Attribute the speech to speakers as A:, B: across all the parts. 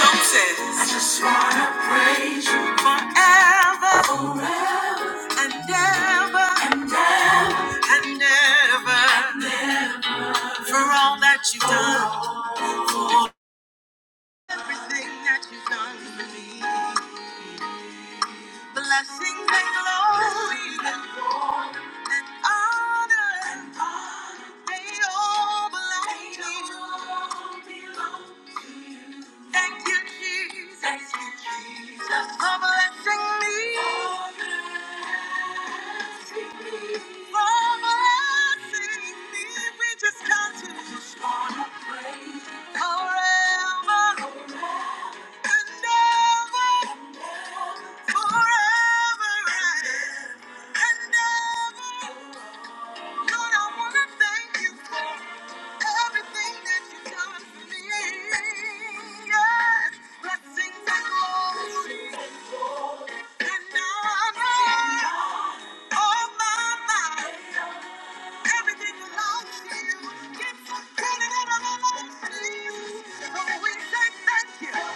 A: Some said, I just want forever and ever and ever for all that you've done, everything that you've done for me. Blessings and glory and honor, they all belong to you. Thank you, Jesus. Thank you, Jesus. For blessing me. For blessing me. We just count to. Thank you.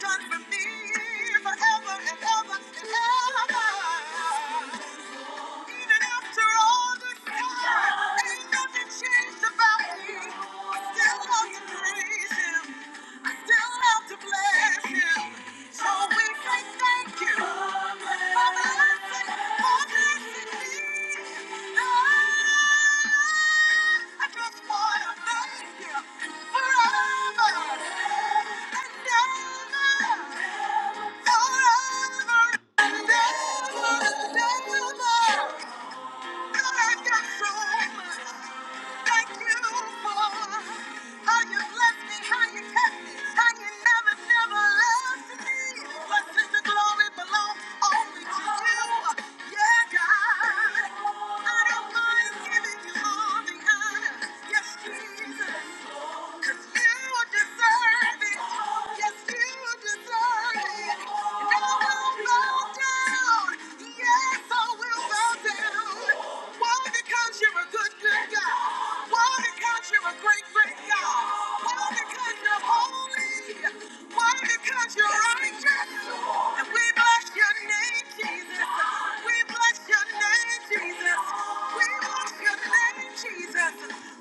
A: Done for me forever and ever and ever. Forever and ever and ever. Yes, Jesus. You're righteous. And we bless your name, Jesus. We bless your name, Jesus. We bless your name, Jesus.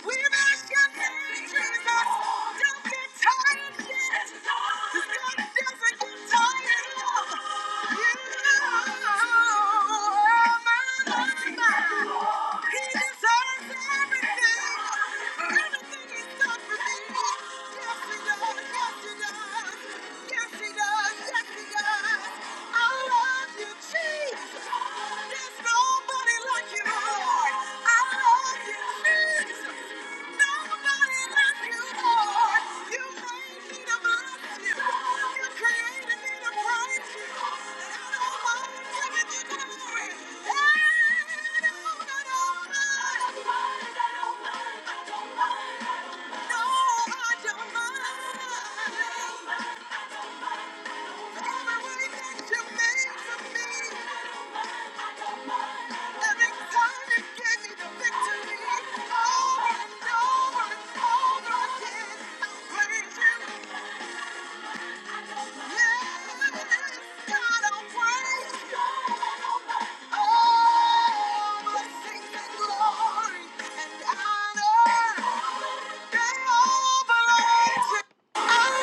A: We bless your name, Jesus. Don't get tired yet. 'Cause God doesn't get tired of you. Oh, my, my, my. He deserves everything. Everything he's done for me. Yes, he does. Yes, he does. Yes, he does. Yes, he does. I love you, Jesus. There's nobody like you, Lord. I love You. Thank you. made me for me. I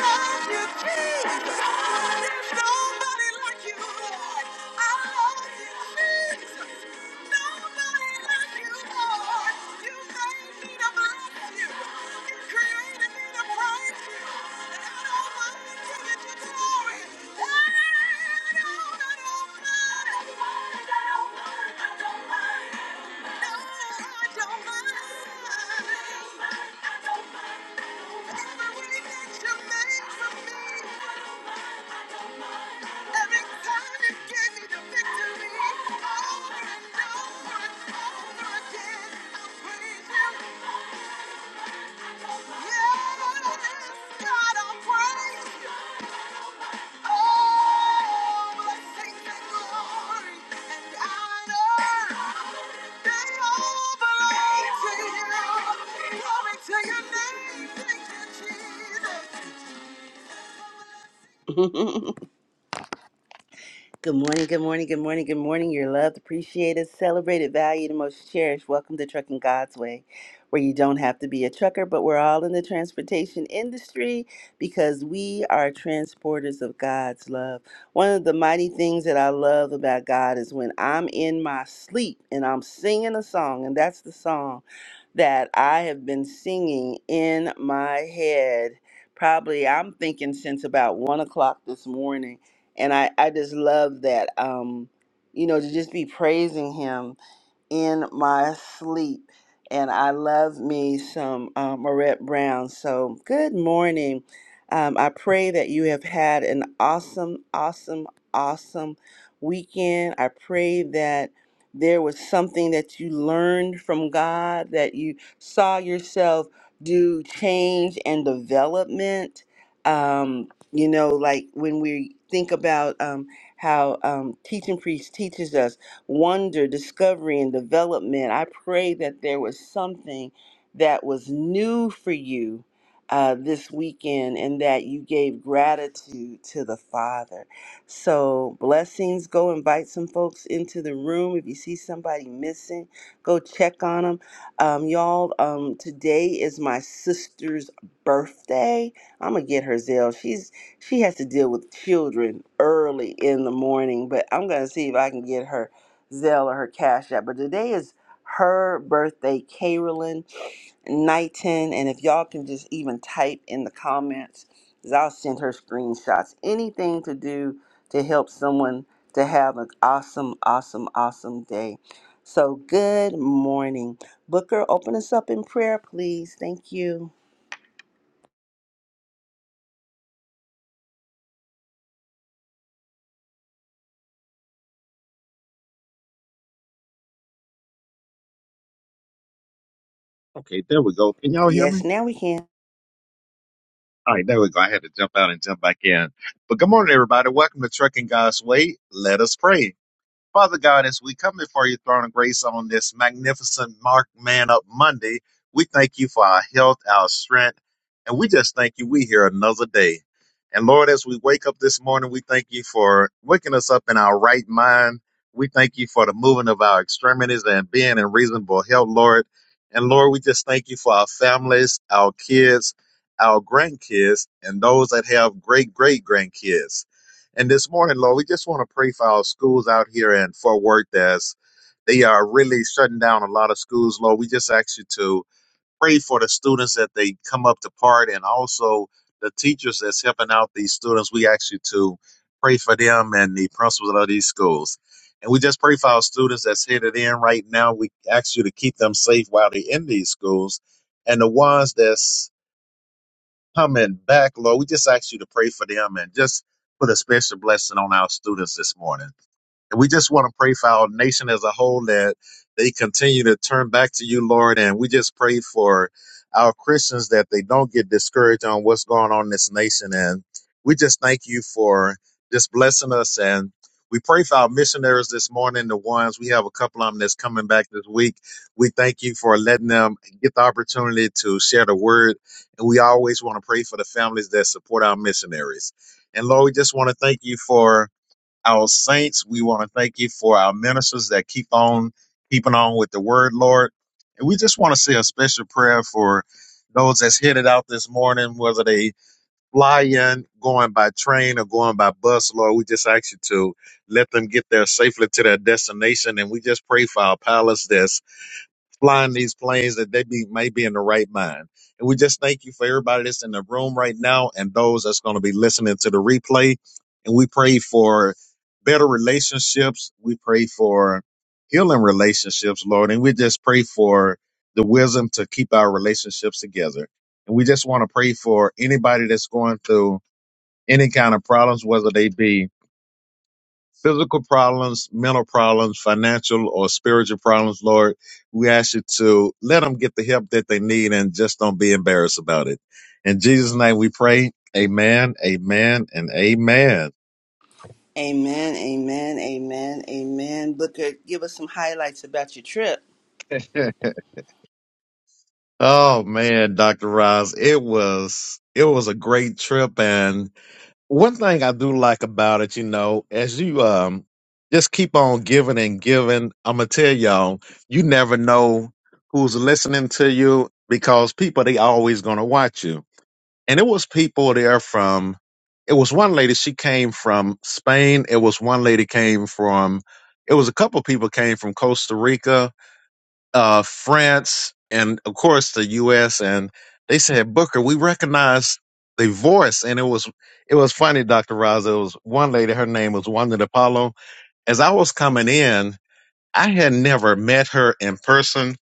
A: love you, Jesus. There's nobody like you, Every way that you make for me. to your name, thank you, Jesus. Good morning, good morning, good morning, good morning. You're loved, appreciated, celebrated, valued, and most cherished. Welcome to Trucking God's Way, where you don't have to be a trucker, but we're all in the transportation industry because we are transporters of God's love. One of the mighty things that I love about God is when I'm in my sleep and I'm singing a song, and that's the song that I have been singing in my head. Probably, I'm thinking since about one o'clock this morning and I I just love that um you know to just be praising him in my sleep. And I love me some uh, Marette Brown. So, good morning. Um, I pray that you have had an awesome, awesome, awesome weekend. I pray that there was something that you learned from God, that you saw yourself do change and development. Um, you know, like when we think about um, how um, Teach and Preach teaches us wonder, discovery, and development. I pray that there was something that was new for you uh, this weekend and that you gave gratitude to the Father. So, blessings. Go invite some folks into the room. If you see somebody missing, go check on them. Um, y'all, um, today is my sister's birthday. I'm gonna get her Zell. She's she has to deal with children early in the morning, but I'm gonna see if I can get her. Zelle or her Cash App. But today is her birthday, Carolyn Knighton. And if y'all can just even type in the comments, 'cause I'll send her screenshots. Anything to do to help someone to have an awesome, awesome, awesome day. So good morning. Booker, open us up in prayer, please. Thank you.
B: Okay, there we go. Can y'all hear
A: Yes,
B: me?
A: now we can.
B: All right, there we go. I had to jump out and jump back in. But good morning, everybody. Welcome to Trucking God's Way. Let us pray. Father God, as we come before your throne of grace on this magnificent Mark Man Up Monday, we thank you for our health, our strength, and we just thank you we here another day. And Lord, as we wake up this morning, we thank you for waking us up in our right mind. We thank you for the moving of our extremities and being in reasonable health, Lord. And Lord, we just thank you for our families, our kids, our grandkids, and those that have great great grandkids. And this morning, Lord, we just want to pray for our schools out here in Fort Worth that's they are really shutting down a lot of schools, Lord. We just ask you to pray for the students that they come up to part and also the teachers that's helping out these students. We ask you to pray for them and the principals of these schools. And we just pray for our students that's headed in right now. We ask you to keep them safe while they're in these schools. And the ones that's coming back, Lord. We just ask you to pray for them and just put a special blessing on our students this morning. And we just want to pray for our nation as a whole that they continue to turn back to you, Lord. And we just pray for our Christians that they don't get discouraged on what's going on in this nation. And we just thank you for just blessing us. And we pray for our missionaries this morning, the ones we have a couple of them that's coming back this week. We thank you for letting them get the opportunity to share the word. And we always want to pray for the families that support our missionaries. And Lord, we just want to thank you for our saints. We want to thank you for our ministers that keep on keeping on with the word, Lord. And we just want to say a special prayer for those that's headed out this morning, whether they fly in, going by train or going by bus, Lord. We just ask you to let them get there safely to their destination. And we just pray for our pilots that's flying these planes that they be may be in the right mind. And we just thank you for everybody that's in the room right now and those that's going to be listening to the replay. And we pray for better relationships. We pray for healing relationships, Lord. And we just pray for the wisdom to keep our relationships together. And we just want to pray for anybody that's going through any kind of problems, whether they be physical problems, mental problems, financial or spiritual problems, Lord, we ask you to let them get the help that they need and just don't be embarrassed about it. In Jesus' name we pray. Amen, amen, and amen.
A: Amen, amen, amen, amen. Booker, give us some highlights about your trip.
B: oh man, Dr. Roz, it was it was a great trip and one thing I do like about it, you know, as you um just keep on giving and giving, I'm gonna tell y'all, you never know who's listening to you because people they always gonna watch you. And it was people there from it was one lady she came from Spain, it was one lady came from it was a couple people came from Costa Rica uh, France, and of course the U.S. And they said, Booker, we recognize the voice, and it was it was funny, Doctor Roz. It was one lady. Her name was Wanda Apollo. As I was coming in, I had never met her in person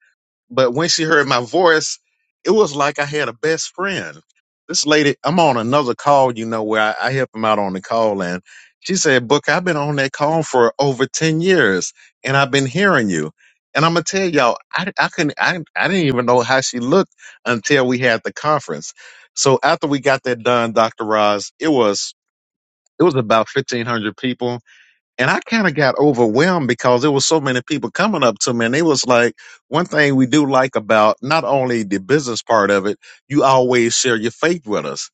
B: but when she heard my voice, it was like I had a best friend. This lady, I'm on another call, you know, where I, I help him out on the call. And she said, Book, I've been on that call for over 10 years and I've been hearing you. And I'm going to tell y'all, I, I couldn't, I, I didn't even know how she looked until we had the conference. So after we got that done, Dr. Roz, it was, it was about 1500 people and I kind of got overwhelmed because there was so many people coming up to me, and it was like one thing we do like about not only the business part of it, you always share your faith with us.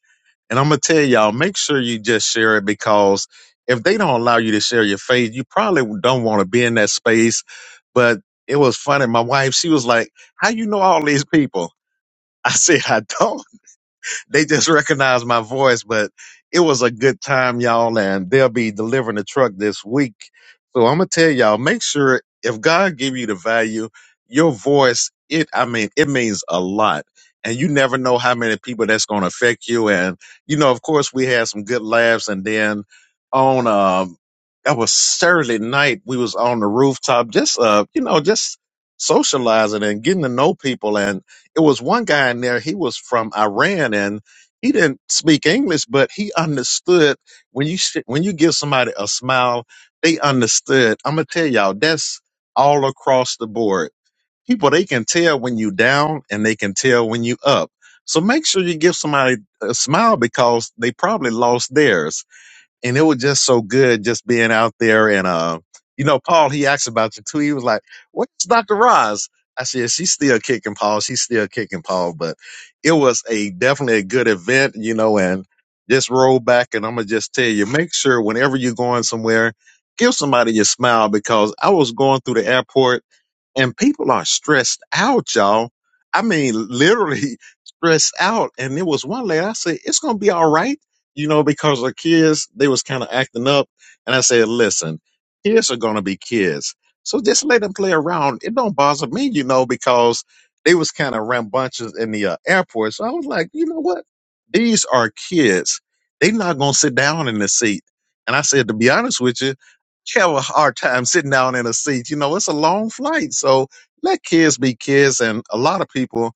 B: And I'm gonna tell y'all, make sure you just share it because if they don't allow you to share your faith, you probably don't want to be in that space. But it was funny. My wife, she was like, "How you know all these people?" I said, "I don't." they just recognized my voice, but it was a good time, y'all, and they'll be delivering the truck this week. So I'm gonna tell y'all, make sure if God give you the value, your voice, it I mean, it means a lot. And you never know how many people that's gonna affect you. And you know, of course we had some good laughs and then on um that was Saturday night, we was on the rooftop just uh, you know, just socializing and getting to know people and it was one guy in there, he was from Iran and he didn't speak English, but he understood when you sh- when you give somebody a smile, they understood. I'm gonna tell y'all that's all across the board. People they can tell when you down and they can tell when you up. So make sure you give somebody a smile because they probably lost theirs and it was just so good just being out there and uh you know paul he asked about you too he was like what's dr roz i said she's still kicking paul she's still kicking paul but it was a definitely a good event you know and just roll back and i'm gonna just tell you make sure whenever you're going somewhere give somebody your smile because i was going through the airport and people are stressed out, y'all. I mean, literally stressed out. And there was one lady I said, "It's gonna be all right," you know, because the kids they was kind of acting up. And I said, "Listen, kids are gonna be kids, so just let them play around. It don't bother me, you know, because they was kind of rambunctious in the uh, airport. So I was like, you know what? These are kids. They not gonna sit down in the seat." And I said, to be honest with you you have a hard time sitting down in a seat. You know, it's a long flight. So let kids be kids. And a lot of people,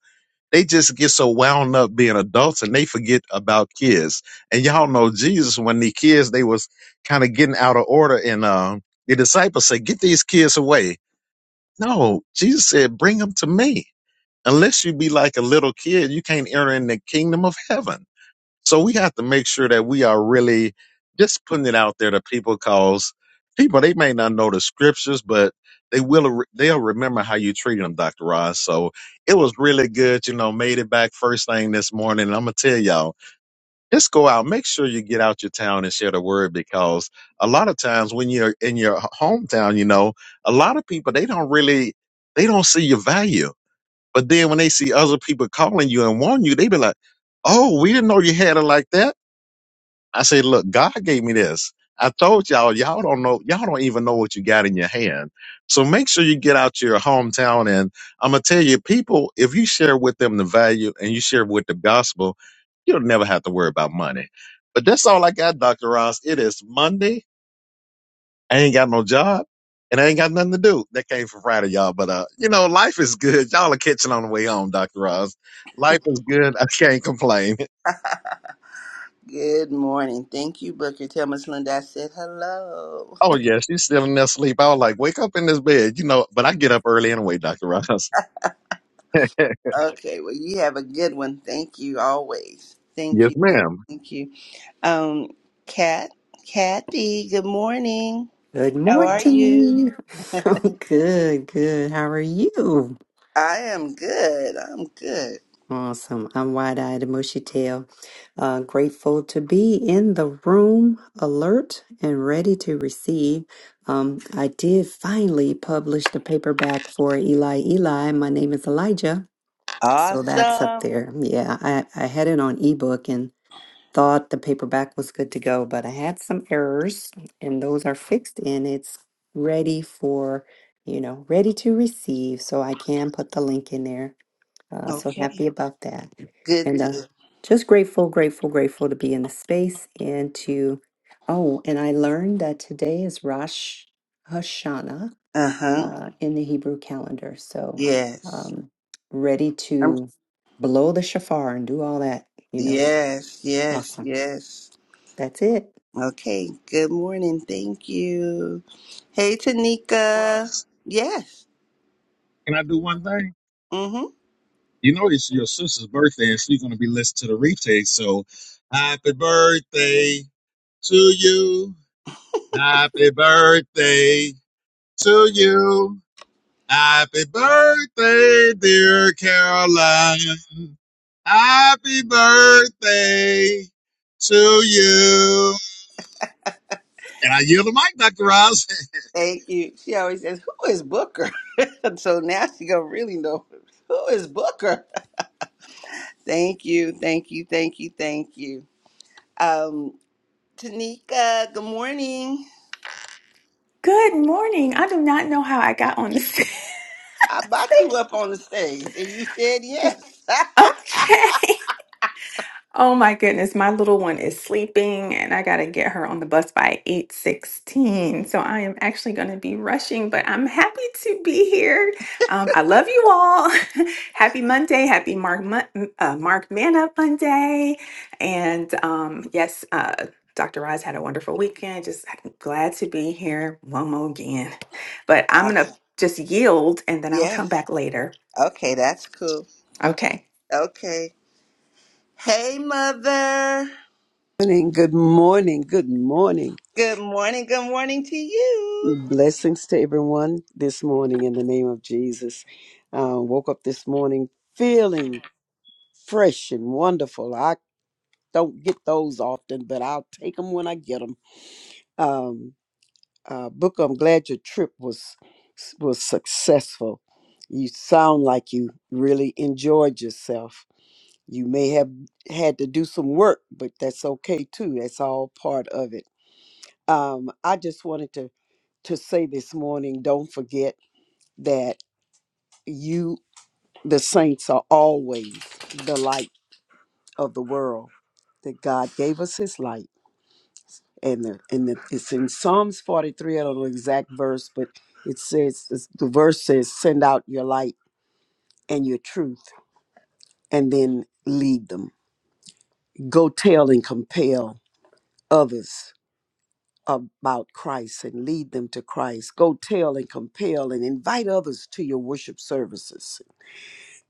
B: they just get so wound up being adults and they forget about kids. And y'all know Jesus, when the kids, they was kind of getting out of order. And um, the disciples said, get these kids away. No, Jesus said, bring them to me. Unless you be like a little kid, you can't enter in the kingdom of heaven. So we have to make sure that we are really just putting it out there to people because people, they may not know the scriptures, but they will, they'll remember how you treated them, Dr. Ross. So it was really good. You know, made it back first thing this morning. And I'm going to tell y'all, just go out, make sure you get out your town and share the word because a lot of times when you're in your hometown, you know, a lot of people, they don't really, they don't see your value. But then when they see other people calling you and warn you, they be like, oh, we didn't know you had it like that I said, look, God gave me this. I told y'all, y'all don't know, y'all don't even know what you got in your hand. So make sure you get out to your hometown. And I'm going to tell you, people, if you share with them the value and you share with the gospel, you'll never have to worry about money. But that's all I got, Dr. Ross. It is Monday. I ain't got no job and I ain't got nothing to do. That came from Friday, y'all. But, uh, you know, life is good. Y'all are catching on the way home, Dr. Ross. Life is good. I can't complain.
A: Good morning. Thank you, Booker. Tell Miss Linda I said hello.
B: Oh yeah, she's still in there asleep. I was like, wake up in this bed, you know. But I get up early anyway, Doctor Ross.
A: Okay, well, you have a good one. Thank you always. Thank
B: yes,
A: you. Thank
B: ma'am.
A: you. Thank you. Um, Kat, Kathy, good morning.
C: Good
A: How are you?
C: morning. I'm good, good. How are you?
A: I am good. I'm good.
C: Awesome. I'm wide eyed and mushy tail. Uh, grateful to be in the room, alert and ready to receive. Um, I did finally publish the paperback for Eli Eli. My name is Elijah. So that's up
A: Awesome.
C: there. Yeah, I, I had it on ebook thought the paperback was good to go, but I had some errors and those are fixed and it's ready for, you know, ready to receive. So I can put the link in there. Uh, so
A: Okay.
C: happy about that.
A: Good
C: And uh,
A: deal.
C: just grateful, grateful, grateful to be in the space and to, oh, and I learned that today is Rosh Hashanah
A: Uh huh.
C: uh, in the Hebrew calendar. So
A: Yes.
C: um, ready
A: I'm.
C: to blow the shofar and do all that, you know.
A: Yes. Yes.
C: Awesome.
A: Yes.
C: That's it.
A: Okay. Good morning. Thank you. Hey, Tanika.
B: Russ,
A: Yes.
B: can I do one thing?
A: Mm-hmm.
B: You know it's your sister's birthday, and she's gonna be listening to the replay. So, happy birthday to you! Happy birthday to you! Happy birthday, dear Caroline! Happy birthday to you! And I yield the mic, Doctor Ross.
A: Thank you. She always says, "Who is Booker?" so now she gonna really know who is Booker. thank you, thank you, thank you, thank you. Um, Tanika, good morning.
D: Good morning. I do not know how I got on this.
A: I bought you up on the stage, and you said yes.
D: okay. Oh my goodness, my little one is sleeping and I got to get her on the bus by 8:16. So I am actually going to be rushing, but I'm happy to be here. Um, I love you all. happy Monday, happy Mark Mon- uh, Mark Man Up Monday. And um, yes, uh Dr. Roz had a wonderful weekend. Just I'm glad to be here one more again. But I'm going to
A: awesome.
D: just yield and then I'll come
A: Yes.
D: back later.
A: Okay, that's cool.
D: Okay.
A: Okay. Hey, mother.
E: morning, good morning, good morning.
A: Good morning. Good morning to you.
E: Blessings to everyone this morning in the name of Jesus. Uh, woke up this morning feeling fresh and wonderful. I don't get those often, but I'll take them when I get them. Um, uh, Booker, I'm glad your trip was was successful. You sound like you really enjoyed yourself. You may have had to do some work, but that's okay too. That's all part of it um, I just wanted to to say this morning don't forget that you, the saints, are always the light of the world, that God gave us his light. And, the, and the, it's in Psalms 43, I don't know the exact verse, but it says, the verse says, send out your light and your truth, and then lead them. Go tell and compel others about Christ and lead them to Christ. Go tell and compel and invite others to your worship services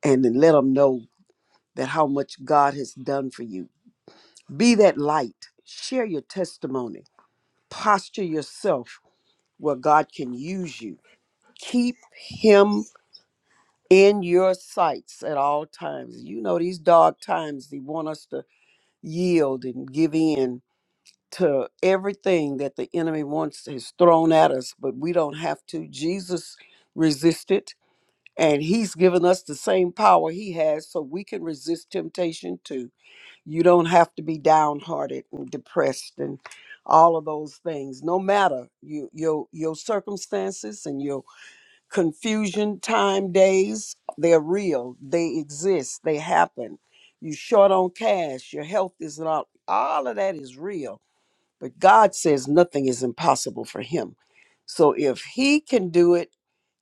E: and then let them know that how much God has done for you. Be that light. Share your testimony. Posture yourself where God can use you. Keep Him in your sights at all times. You know, these dark times, they want us to yield and give in to everything that the enemy wants has thrown at us, but we don't have to. Jesus resisted, and He's given us the same power He has so we can resist temptation too You don't have to be downhearted and depressed and all of those things. No matter you, your your circumstances and your confusion time days, they're real. They exist. They happen. You short on cash. Your health is not. All of that is real. But God says nothing is impossible for Him. So if He can do it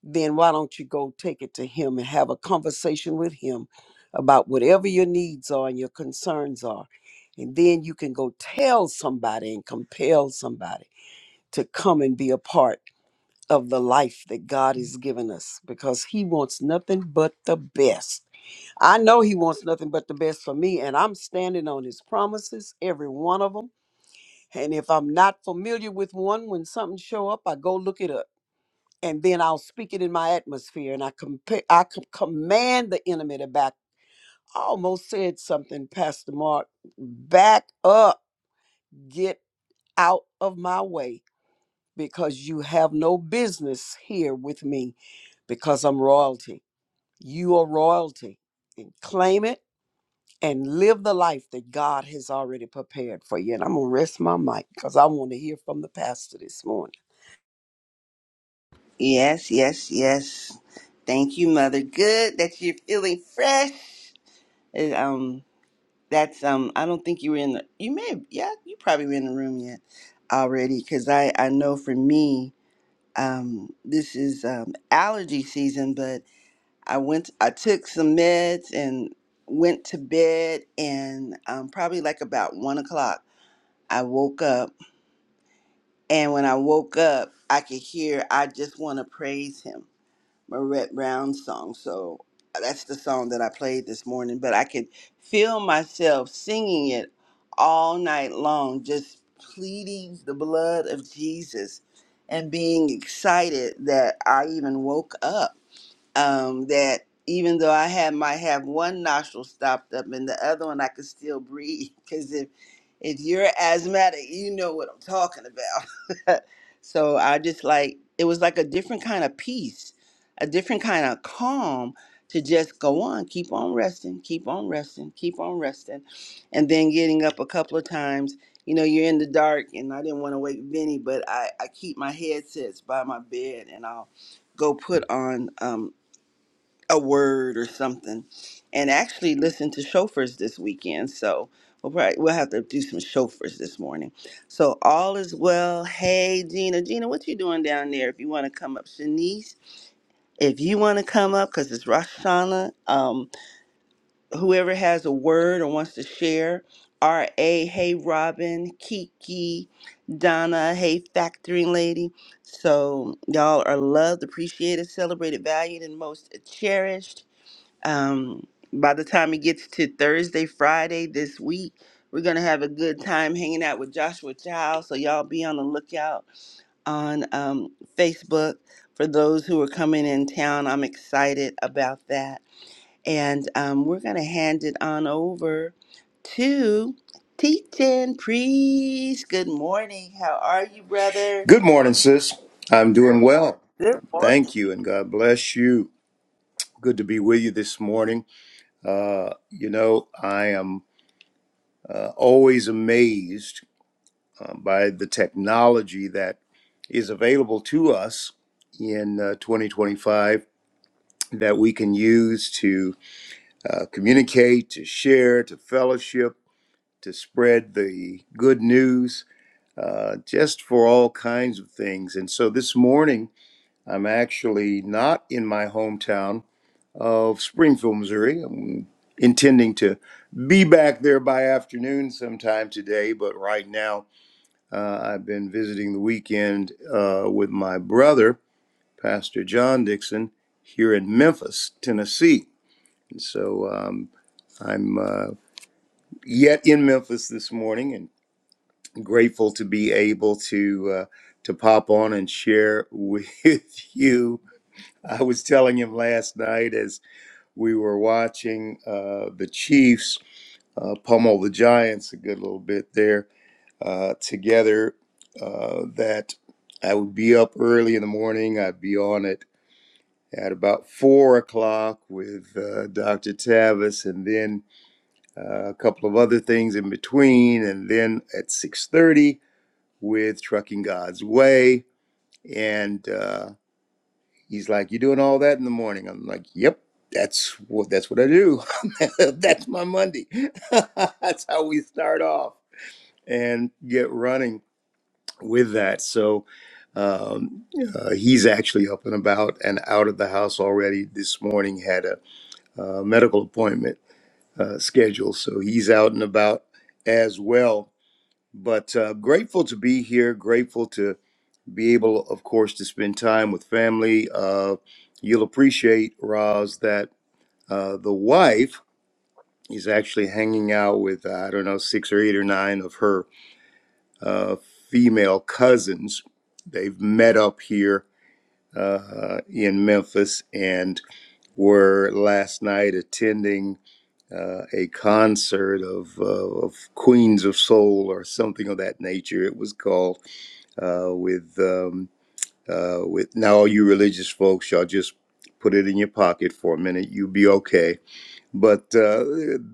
E: then why don't you go take it to him and have a conversation with him about whatever your needs are and your concerns are? And then you can go tell somebody and compel somebody to come and be a part of the life that God has given us because he wants nothing but the best. I know he wants nothing but the best for me, and I'm standing on his promises, every one of them. And if I'm not familiar with one, when something show up, I go look it up and then I'll speak it in my atmosphere, and I compare, I c- command the enemy to back. I almost said something, Pastor Mark. Back up, get out of my way, because you have no business here with me, because I'm royalty. You are royalty, and claim it and live the life that God has already prepared for you. And I'm gonna rest my mic because I want to hear from the pastor this morning.
A: Yes, yes, yes. Thank you, mother. Good that you're feeling fresh. It, um, that's um, I don't think you were in the. You may have. Yeah, you probably were in the room yet already, because I I know for me, um, this is um, allergy season. But I went. I took some meds and went to bed, and um, probably like about one o'clock, I woke up. And when I woke up, I could hear. I just want to praise him. Marette Brown song. So that's the song that I played this morning, but I could feel myself singing it all night long, just pleading the blood of Jesus and being excited that I even woke up um, that even though I had might have one nostril stopped up and the other one I could still breathe because if if you're asthmatic, you know what I'm talking about. so I just like it was like a different kind of peace, a different kind of calm to just go on, keep on resting, keep on resting, keep on resting, and then getting up a couple of times. You know, you're in the dark, and I didn't want to wake Vinny, but I, I keep my headsets by my bed, and I'll go put on. Um, a word or something, and actually listen to chauffeurs this weekend. So we'll probably we'll have to do some chauffeurs this morning. So all is well. Hey Gina, Gina, what you doing down there? If you want to come up, Shanice, if you want to come up because it's Rosh Hashanah. Um, whoever has a word or wants to share. R A, hey Robin, Kiki, Donna, hey Factoring Lady. So y'all are loved, appreciated, celebrated, valued, and most cherished. Um, by the time it gets to Thursday, Friday this week, we're gonna have a good time hanging out with Joshua Child. So y'all be on the lookout on um, Facebook for those who are coming in town. I'm excited about that, and um, we're gonna hand it on over to Teaching Priest. Good morning. How are you, brother?
F: Good morning, sis. I'm doing well.
A: Good morning.
F: Thank you, and God bless you. Good to be with you this morning. Uh, you know, I am uh, always amazed uh, by the technology that is available to us in uh, 2025 that we can use to uh, communicate, to share, to fellowship, to spread the good news, uh, just for all kinds of things. And so this morning, I'm actually not in my hometown. of Springfield, Missouri. I'm intending to be back there by afternoon sometime today, but right now uh, I've been visiting the weekend uh, with my brother, Pastor John Dixon, here in Memphis, Tennessee. And so um, I'm uh, yet in Memphis this morning and grateful to be able to uh, to pop on and share with you. I was telling him last night as we were watching uh, the Chiefs uh, pummel the Giants a good little bit there uh, together. Uh, that I would be up early in the morning. I'd be on it at about four o'clock with uh, Dr. Tavis, and then uh, a couple of other things in between, and then at six thirty with Trucking God's Way. And uh, he's like, "You doing all that in the morning?" I'm like, "Yep." That's what that's what I do. that's my Monday. that's how we start off. and get running with that. So um, uh, he's actually up and about and out of the house already this morning, had a, uh medical appointment uh, scheduled. So he's out and about as well. But uh, grateful to be here, grateful to be able, of course, to spend time with family. Uh, you'll appreciate, Roz, that uh, the wife is actually hanging out with, uh, I don't know, six or eight or nine of her uh, female cousins. They've met up here uh, in Memphis and were last night attending uh, a concert of, uh, of Queens of Soul or something of that nature. It was called uh, with um, uh, with now all you religious folks, y'all just put it in your pocket for a minute. You'll be okay. But uh,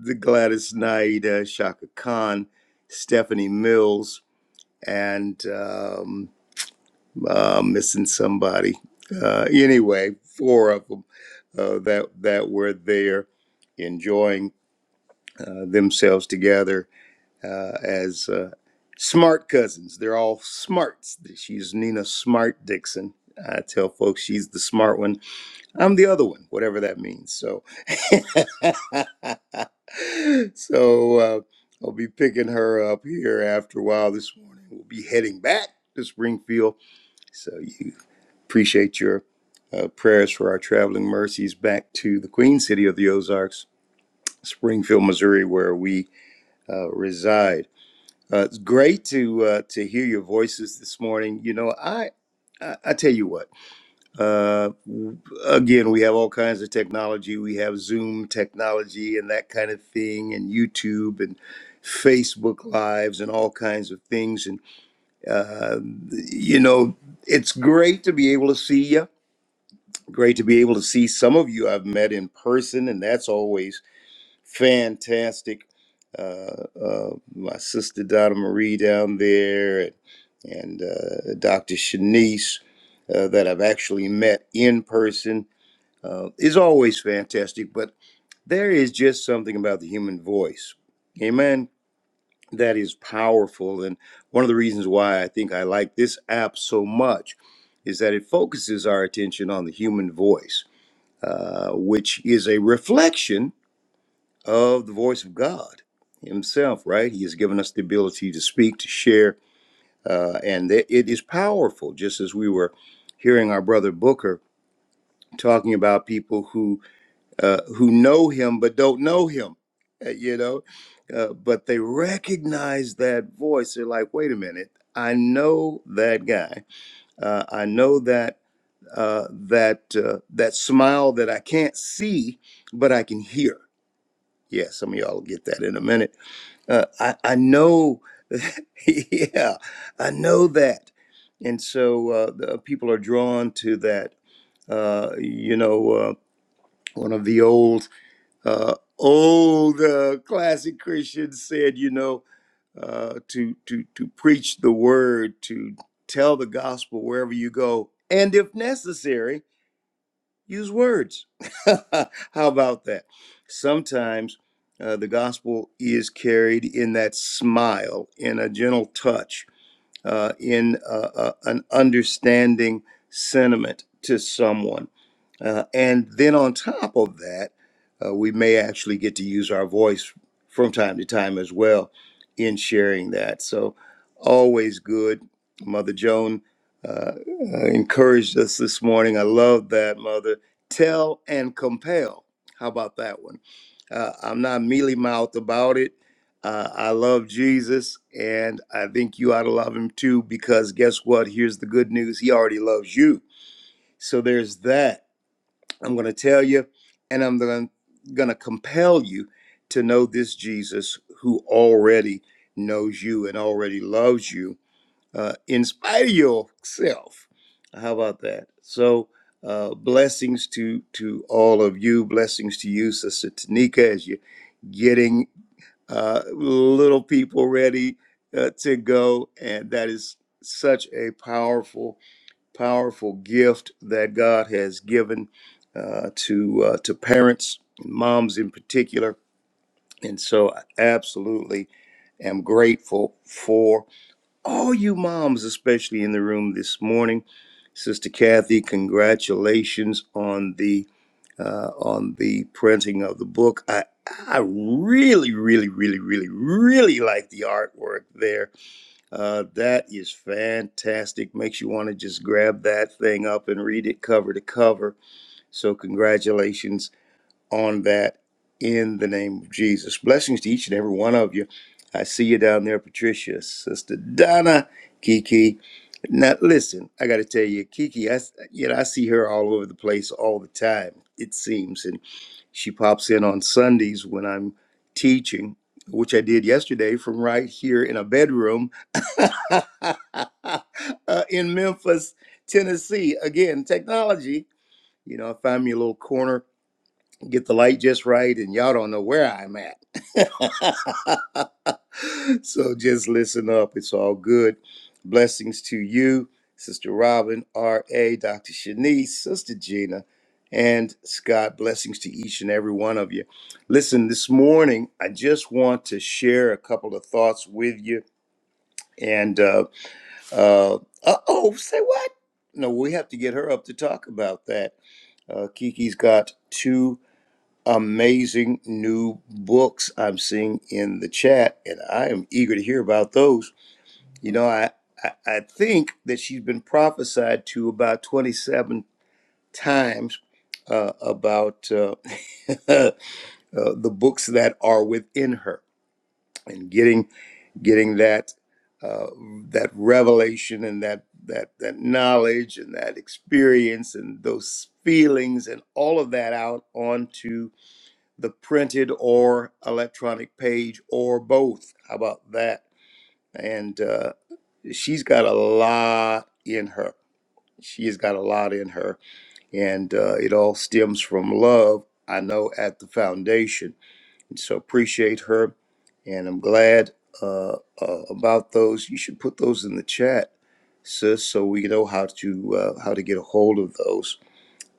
F: the Gladys Knight, uh, Shaka Khan, Stephanie Mills, and um, uh, missing somebody. Uh, anyway, four of them uh, that that were there enjoying uh, themselves together uh, as uh, smart cousins. They're all smarts. She's Nina Smart Dixon. I tell folks she's the smart one. I'm the other one, whatever that means. So, so uh, I'll be picking her up here after a while this morning. We'll be heading back to Springfield. So you Appreciate your uh, prayers for our traveling mercies back to the Queen City of the Ozarks, Springfield, Missouri, where we uh, reside. Uh, it's great to uh, to hear your voices this morning. You know, I I, I tell you what. Uh, again, we have all kinds of technology. We have Zoom technology and that kind of thing, and YouTube and Facebook Lives and all kinds of things. And uh, you know, it's great to be able to see you Great to be able to see some of you I've met in person, and that's always fantastic. Uh, uh, my sister Donna Marie down there, and, and uh, Dr. Shanice uh, that I've actually met in person uh, is always fantastic. But there is just something about the human voice, amen, that is powerful. And one of the reasons why I think I like this app so much is that it focuses our attention on the human voice uh, which is a reflection of the voice of God Himself, right? He has given us the ability to speak, to share, uh, and that it is powerful. Just as we were hearing our brother Booker talking about people who uh, who know Him but don't know Him, uh, you know, uh, but they recognize that voice. They're like, "Wait a minute, I know that guy. Uh, I know that." Uh, that uh, that smile that I can't see, but I can hear Yeah, some of y'all will get that in a minute. Uh, I, I know, yeah, I know that. And so uh, the uh, people are drawn to that. Uh, you know, uh, one of the old, uh, old uh, classic Christians said, you know, uh, to, to, to preach the word, to tell the gospel wherever you go. And if necessary, use words. How about that? Sometimes uh, the gospel is carried in that smile, in a gentle touch, uh, in uh, uh, an understanding sentiment to someone. Uh, and then on top of that, uh, we may actually get to use our voice from time to time as well in sharing that. So, always good. Mother Joan uh, uh, encouraged us this morning. I love that, Mother. Tell and compel. How about that one? Uh, I'm not mealy mouthed about it. Uh, I love Jesus, and I think you ought to love him too, because guess what? Here's the good news He already loves you. So there's that. I'm going to tell you, and I'm going to compel you to know this Jesus who already knows you and already loves you uh, in spite of yourself. How about that? So, uh, blessings to to all of you. Blessings to you, Sister Tanika, as you're getting uh, little people ready uh, to go, and that is such a powerful, powerful gift that God has given uh, to uh, to parents, moms in particular. And so, I absolutely am grateful for all you moms, especially in the room this morning. Sister Kathy, congratulations on the uh, on the printing of the book. I I really, really, really, really, really like the artwork there. Uh, that is fantastic. Makes you want to just grab that thing up and read it cover to cover. So congratulations on that in the name of Jesus. Blessings to each and every one of you. I see you down there, Patricia, Sister Donna, Kiki. Now, listen, I got to tell you, Kiki, I, s- you know, I see her all over the place all the time, it seems. And she pops in on Sundays when I'm teaching, which I did yesterday from right here in a bedroom uh, in Memphis, Tennessee. Again, technology. You know, I find me a little corner get the light just right, and y'all don't know where I'm at. so just listen up. It's all good. Blessings to you, Sister Robin, R.A., Dr. Shanice, Sister Gina, and Scott. Blessings to each and every one of you. Listen, this morning, I just want to share a couple of thoughts with you. And, uh, uh, oh, say what? No, we have to get her up to talk about that. Uh, Kiki's got two amazing new books I'm seeing in the chat, and I am eager to hear about those. You know, I, I, I think that she's been prophesied to about 27 times uh, about uh, uh, the books that are within her, and getting getting that uh, that revelation and that that that knowledge and that experience and those feelings and all of that out onto the printed or electronic page or both. How about that? And uh, she's got a lot in her. She has got a lot in her. And uh, it all stems from love, I know, at the foundation. And so appreciate her. And I'm glad uh, uh, about those. You should put those in the chat, sis, so we know how to uh, how to get a hold of those.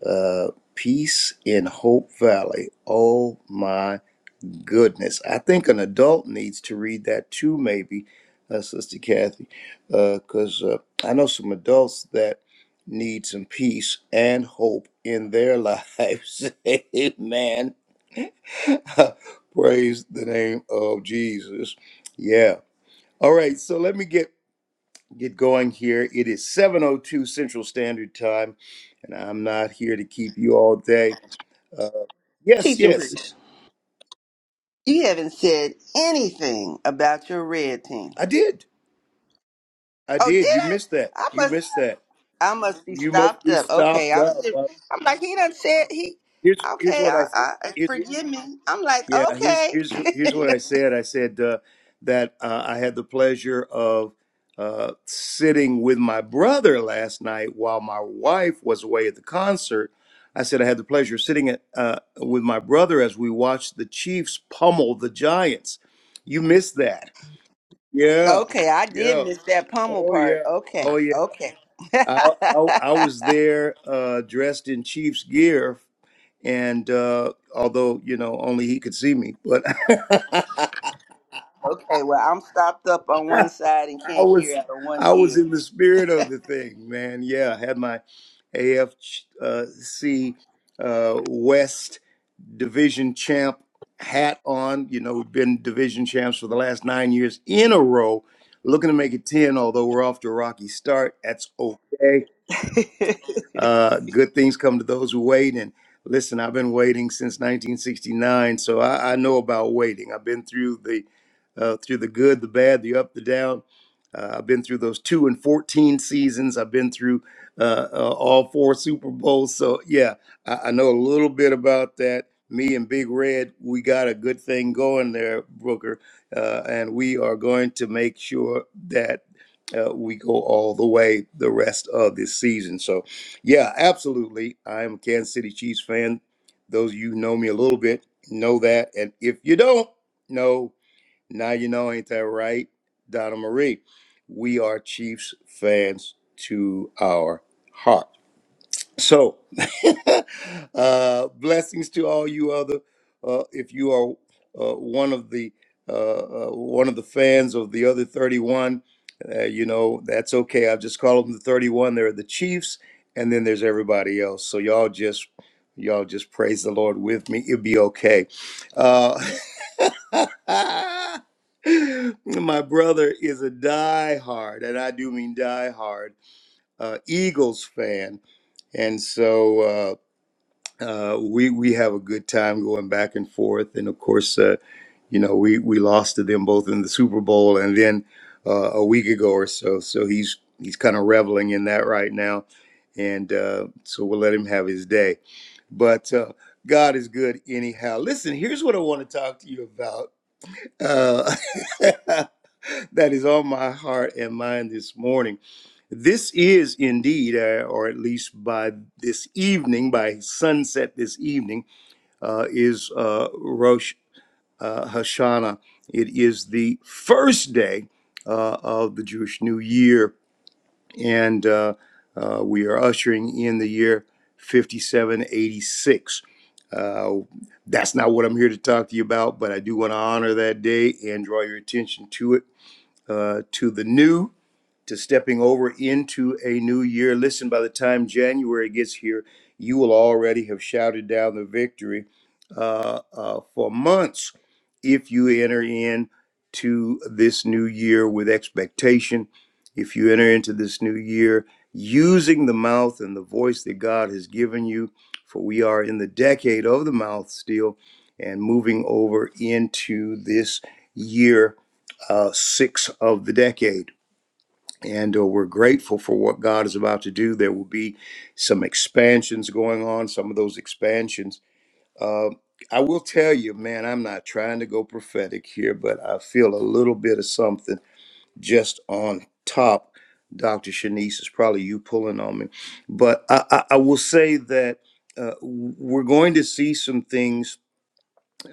F: Uh, Peace in Hope Valley. Oh my goodness. I think an adult needs to read that too, maybe, uh, Sister Kathy, because uh, I know some adults that need some peace and hope in their lives. Amen. Praise the name of Jesus. Yeah. All right. So let me get get going here. It is 7:02 Central Standard Time, and I'm not here to keep you all day. Uh, yes,
A: Teaching
F: yes,
A: Priest. You haven't said anything about your red team.
F: I did. I
A: Oh, did
F: did. You missed that.
A: I? I
F: You
A: must.
F: missed that.
A: I must be
F: You must
A: stopped
F: be
A: up. Okay,
F: stopped
A: I was.
F: up.
A: Just,
F: Uh,
A: I'm like he done said he.
F: here's here's
A: Okay,
F: what
A: I,
F: I said.
A: I uh,
F: Here's, wh-
A: forgive me. I'm like
F: yeah, here's
A: okay.
F: here's here's what I said. I said uh, that uh, I had the pleasure of uh, sitting with my brother last night while my wife was away at the concert. I said I had the pleasure of sitting at, uh, with my brother as we watched the Chiefs pummel the Giants. You missed that. Yeah,
A: okay, I did
F: yeah.
A: miss that pummel
F: Oh
A: part.
F: yeah.
A: Okay,
F: Oh yeah.
A: okay. okay,
F: I I, I was there uh, dressed in Chiefs gear and uh, although you know only he could see me, but
A: well I'm stopped up on one side and
F: I
A: can't hear
F: was
A: out of one
F: I was
A: ear.
F: in the spirit of the thing, man. Yeah, I had my AFC uh, C, uh, West Division champ hat on. You know, we've been division champs for the last nine years in a row. Looking to make it ten, although we're off to a rocky start. That's okay Uh, good things come to those who wait. And listen, I've been waiting since 1969, so I, I know about waiting. I've been through the uh, through the good, the bad, the up, the down. Uh, I've been through those two and 14 seasons. I've been through uh, uh, all four Super Bowls. So, yeah, I, I know a little bit about that. Me and Big Red, we got a good thing going there, Brooker. Uh, and we are going to make sure that uh, we go all the way the rest of this season. So, yeah, absolutely. I'm a Kansas City Chiefs fan. Those of you who know me a little bit know that. And if you don't know, now you know, ain't that right, Donna Marie? We are Chiefs fans to our heart. So, uh, blessings to all you other. Uh, if you are uh, one of the uh, uh, one of the fans of the other 31, uh, you know that's okay. I've just called them the 31. They're the Chiefs, and then there's everybody else. So y'all just y'all just praise the Lord with me. It'll be okay. Uh, my brother is a diehard, and I do mean diehard uh, Eagles fan. And so uh, uh, we we have a good time going back and forth, and of course, uh, you know, we we lost to them both in the Super Bowl, and then uh, a week ago or so. So he's he's kind of reveling in that right now, and uh, so we'll let him have his day. But uh, God is good anyhow. Listen, here's what I want to talk to you about. Uh, that is on my heart and mind this morning. This is indeed, uh, or at least by this evening, by sunset this evening, uh, is uh, Rosh uh, Hashanah. It is the first day uh, of the Jewish New Year, and uh, uh, we are ushering in the year 5786. Uh, that's not what I'm here to talk to you about, but I do want to honor that day and draw your attention to it, uh, to the new to stepping over into a new year. Listen, by the time January gets here, you will already have shouted down the victory uh, uh, for months if you enter in to this new year with expectation. If you enter into this new year using the mouth and the voice that God has given you, for we are in the decade of the mouth still and moving over into this year uh, six of the decade and uh, we're grateful for what God is about to do. There will be some expansions going on. Some of those expansions, uh, I will tell you, man. I'm not trying to go prophetic here, but I feel a little bit of something just on top. Doctor Shanice is probably you pulling on me, but I, I, I will say that uh, we're going to see some things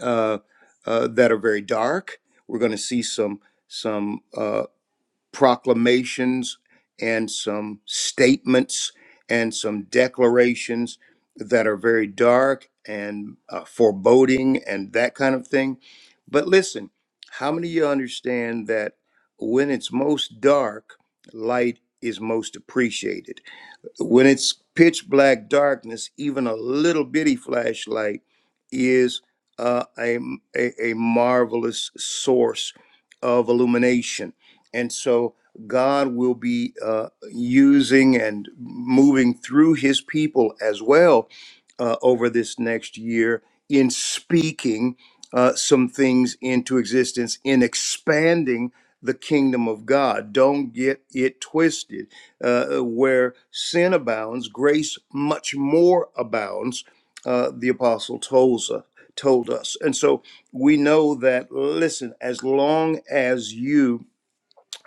F: uh, uh, that are very dark. We're going to see some some. uh, proclamations and some statements and some declarations that are very dark and uh, foreboding and that kind of thing. But listen, how many of you understand that when it's most dark, light is most appreciated? when it's pitch black darkness, even a little bitty flashlight is uh, a, a a marvelous source of illumination, and so God will be uh, using and moving through His people as well uh, over this next year in speaking uh, some things into existence in expanding the kingdom of God. Don't get it twisted uh, uh, where sin abounds, grace much more abounds, uh, the apostle tells us, told us. And so we know that, listen, as long as you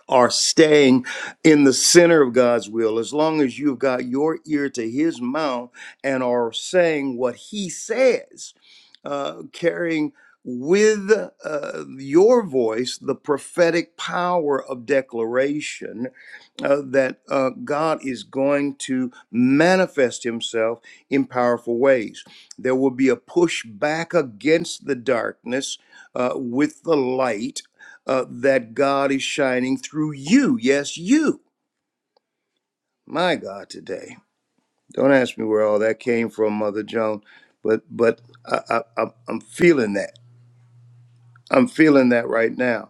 F: are staying in the center of God's will, as long as you've got your ear to his mouth and are saying what he says, uh, carrying with uh, your voice the prophetic power of declaration uh, that uh, God is going to manifest himself in powerful ways. There will be a push back against the darkness uh, with the light uh, that God is shining through you. Yes, you. My God, today. Don't ask me where all that came from, Mother Joan, but but I, I, I'm I'm feeling that. I'm feeling that right now.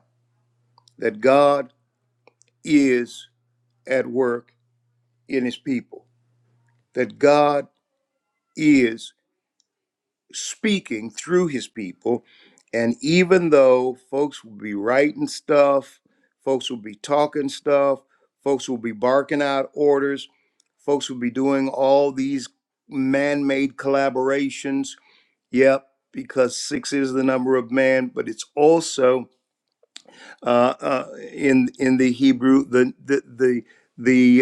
F: That God is at work in His people. That God is speaking through his people. And even though folks will be writing stuff, folks will be talking stuff, folks will be barking out orders, folks will be doing all these man made collaborations. Yep, because six is the number of man, but it's also uh, uh, in in the Hebrew, the the the,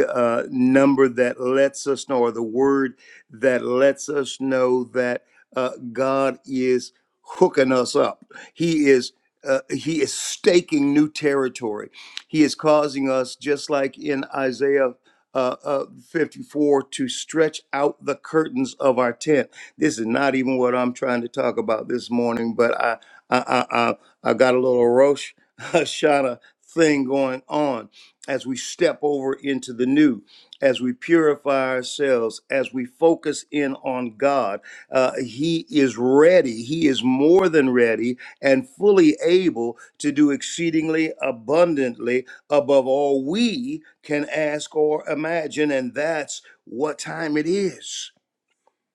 F: the uh, number that lets us know, or the word that lets us know that uh, God is hooking us up. He is. Uh, he is staking new territory. He is causing us, just like in Isaiah uh, uh, 54, to stretch out the curtains of our tent. This is not even what I'm trying to talk about this morning, but I, I, I, I I got a little roche Hashanah thing going on as we step over into the new, as we purify ourselves, as we focus in on God. Uh, he is ready. He is more than ready and fully able to do exceedingly abundantly above all we can ask or imagine. And that's what time it is.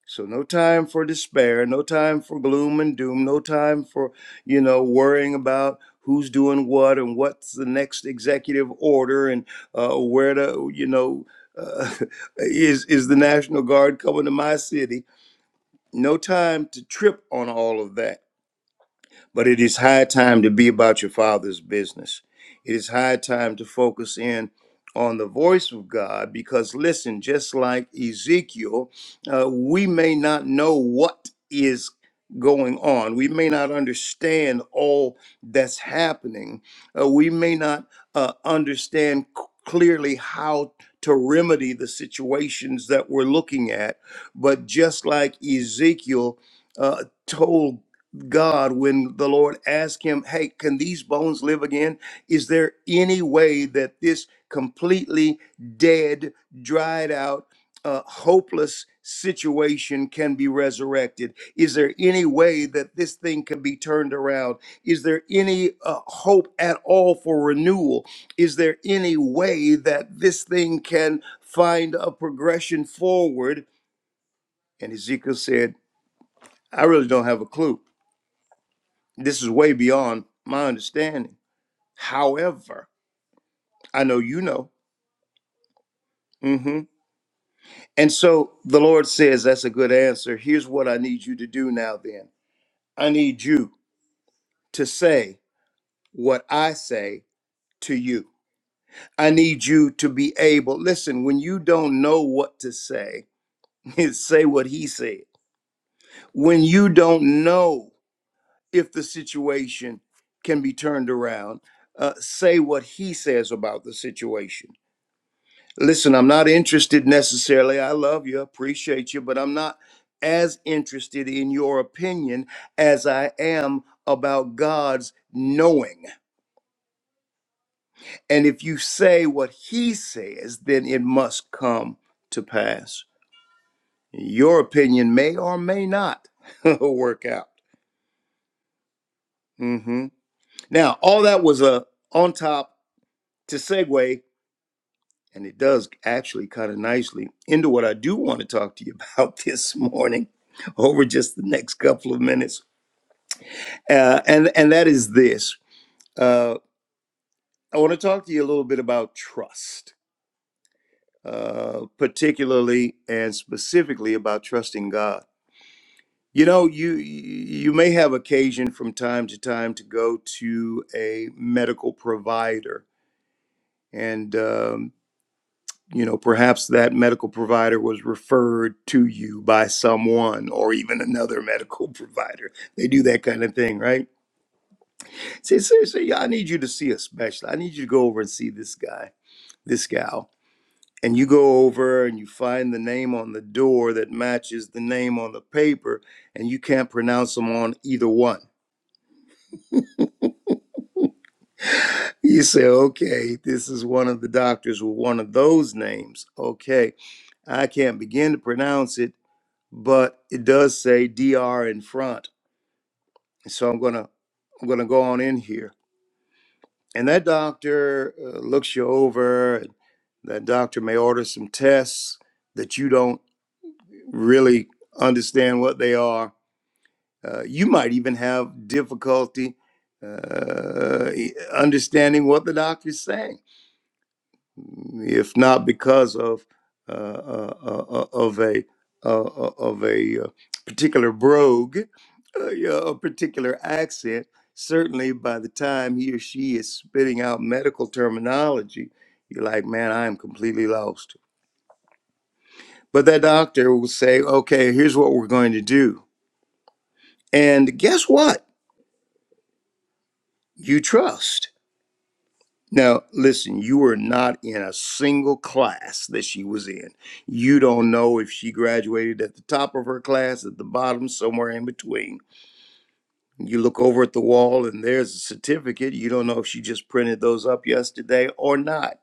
F: So no time for despair, no time for gloom and doom, no time for, you know, worrying about who's doing what and what's the next executive order and uh, where to, you know, uh, is is the National Guard coming to my city? No time to trip on all of that but it is high time to be about your father's business. It is high time to focus in on the voice of God because, listen, just like Ezekiel, uh, we may not know what is going on. We may not understand all that's happening. Uh, we may not uh, understand c- clearly how to remedy the situations that we're looking at. But just like Ezekiel, uh, told God when the Lord asked him, Hey, can these bones live again? Is there any way that this completely dead, dried out, uh, hopeless situation can be resurrected? Is there any way that this thing can be turned around? Is there any uh, hope at all for renewal? Is there any way that this thing can find a progression forward? And Ezekiel said, I really don't have a clue. This is way beyond my understanding. However, I know you know. hmm And so the Lord says, That's a good answer. Here's what I need you to do now, then. I need you to say what I say to you. I need you to be able, listen, when you don't know what to say, say what he said. When you don't know if the situation can be turned around, uh, say what he says about the situation Listen, I'm not interested necessarily. I love you, appreciate you, but I'm not as interested in your opinion as I am about God's knowing. And if you say what he says, then it must come to pass. Your opinion may or may not work out. hmm Now, all that was a on top to segue And it does actually kind of nicely into what I do want to talk to you about this morning over just the next couple of minutes. Uh, and, and that is this uh, I want to talk to you a little bit about trust, uh, particularly and specifically about trusting God. You know, you you may have occasion from time to time to go to a medical provider, and um, you know, perhaps that medical provider was referred to you by someone or even another medical provider. They do that kind of thing, right? Say, seriously, yeah, I need you to see a specialist. I need you to go over and see this guy, this gal. And you go over and you find the name on the door that matches the name on the paper, and you can't pronounce them on either one. You say, okay, this is one of the doctors with one of those names. Okay, I can't begin to pronounce it but it does say DR in front. So I'm gonna I'm gonna go on in here, and that doctor uh, looks you over. And that doctor may order some tests that you don't really understand what they are. Uh, you might even have difficulty uh, e- understanding what the doctor is saying if not because of uh, uh, uh, uh, of a uh, uh, of a uh, particular brogue, uh, yeah, a particular accent. Certainly, by the time he or she is spitting out medical terminology, you're like, man, I am completely lost. But that doctor will say, okay, here's what we're going to do, and guess what? You trust. Now, listen, you were not in a single class that she was in. You don't know if she graduated at the top of her class, at the bottom, somewhere in between. You look over at the wall and there's a certificate. You don't know if she just printed those up yesterday or not.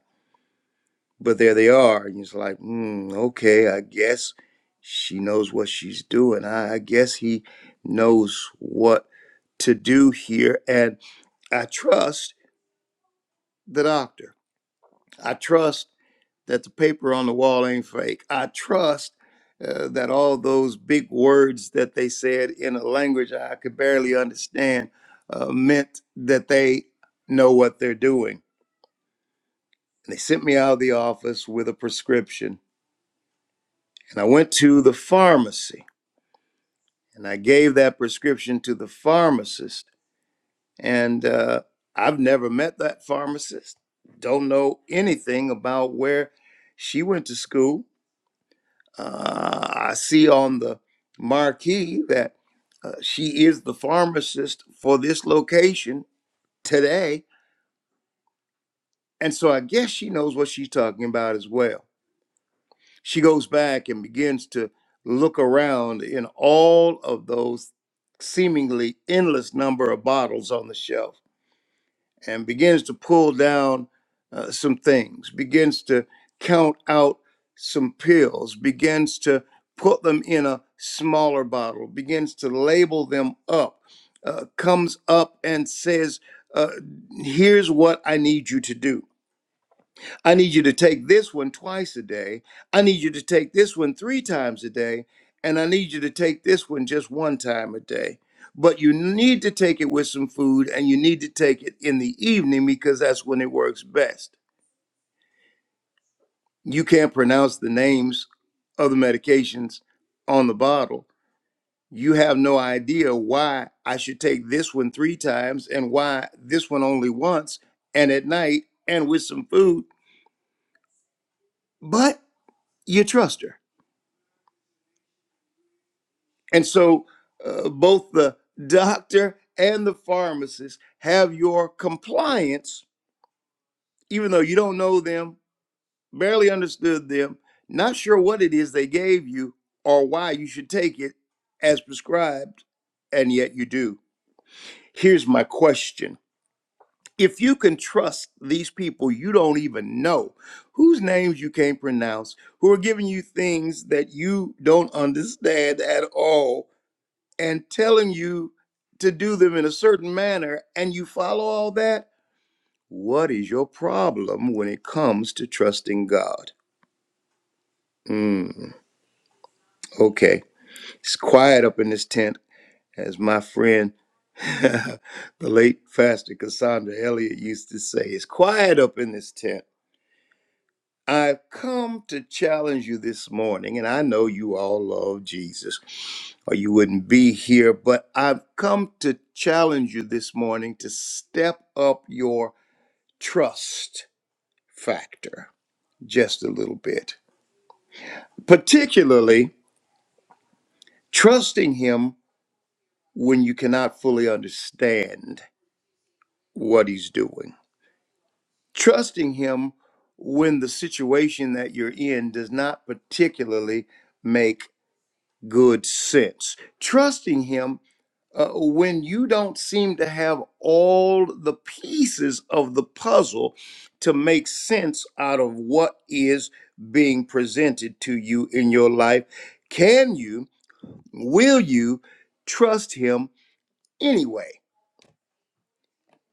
F: But there they are. And it's like, hmm, okay, I guess she knows what she's doing. I, I guess he knows what to do here. And I trust the doctor. I trust that the paper on the wall ain't fake. I trust uh, that all those big words that they said in a language I could barely understand uh, meant that they know what they're doing. And they sent me out of the office with a prescription. And I went to the pharmacy and I gave that prescription to the pharmacist. And uh, I've never met that pharmacist, don't know anything about where she went to school Uh, I see on the marquee that uh, she is the pharmacist for this location today. And so I guess she knows what she's talking about as well. She goes back and begins to look around in all of those seemingly endless number of bottles on the shelf and begins to pull down uh, some things, begins to count out some pills, begins to put them in a smaller bottle, begins to label them up, uh, comes up and says, uh, Here's what I need you to do. I need you to take this one twice a day. I need you to take this one three times a day. And I need you to take this one just one time a day. But you need to take it with some food and you need to take it in the evening because that's when it works best. You can't pronounce the names of the medications on the bottle. You have no idea why I should take this one three times and why this one only once and at night and with some food. But you trust her And so uh, both the doctor and the pharmacist have your compliance, even though you don't know them, barely understood them, not sure what it is they gave you or why you should take it as prescribed, and yet you do. Here's my question. If you can trust these people you don't even know, whose names you can't pronounce, who are giving you things that you don't understand at all, and telling you to do them in a certain manner and you follow all that, what is your problem when it comes to trusting God? Mm, okay. It's quiet up in this tent, as my friend, the late Pastor Cassandra Elliott used to say. It's quiet up in this tent. I've come to challenge you this morning, and I know you all love Jesus or you wouldn't be here, but I've come to challenge you this morning to step up your trust factor just a little bit, particularly trusting Him when you cannot fully understand what He's doing, trusting Him when the situation that you're in does not particularly make good sense. Trusting Him uh, when you don't seem to have all the pieces of the puzzle to make sense out of what is being presented to you in your life. Can you, will you trust Him anyway?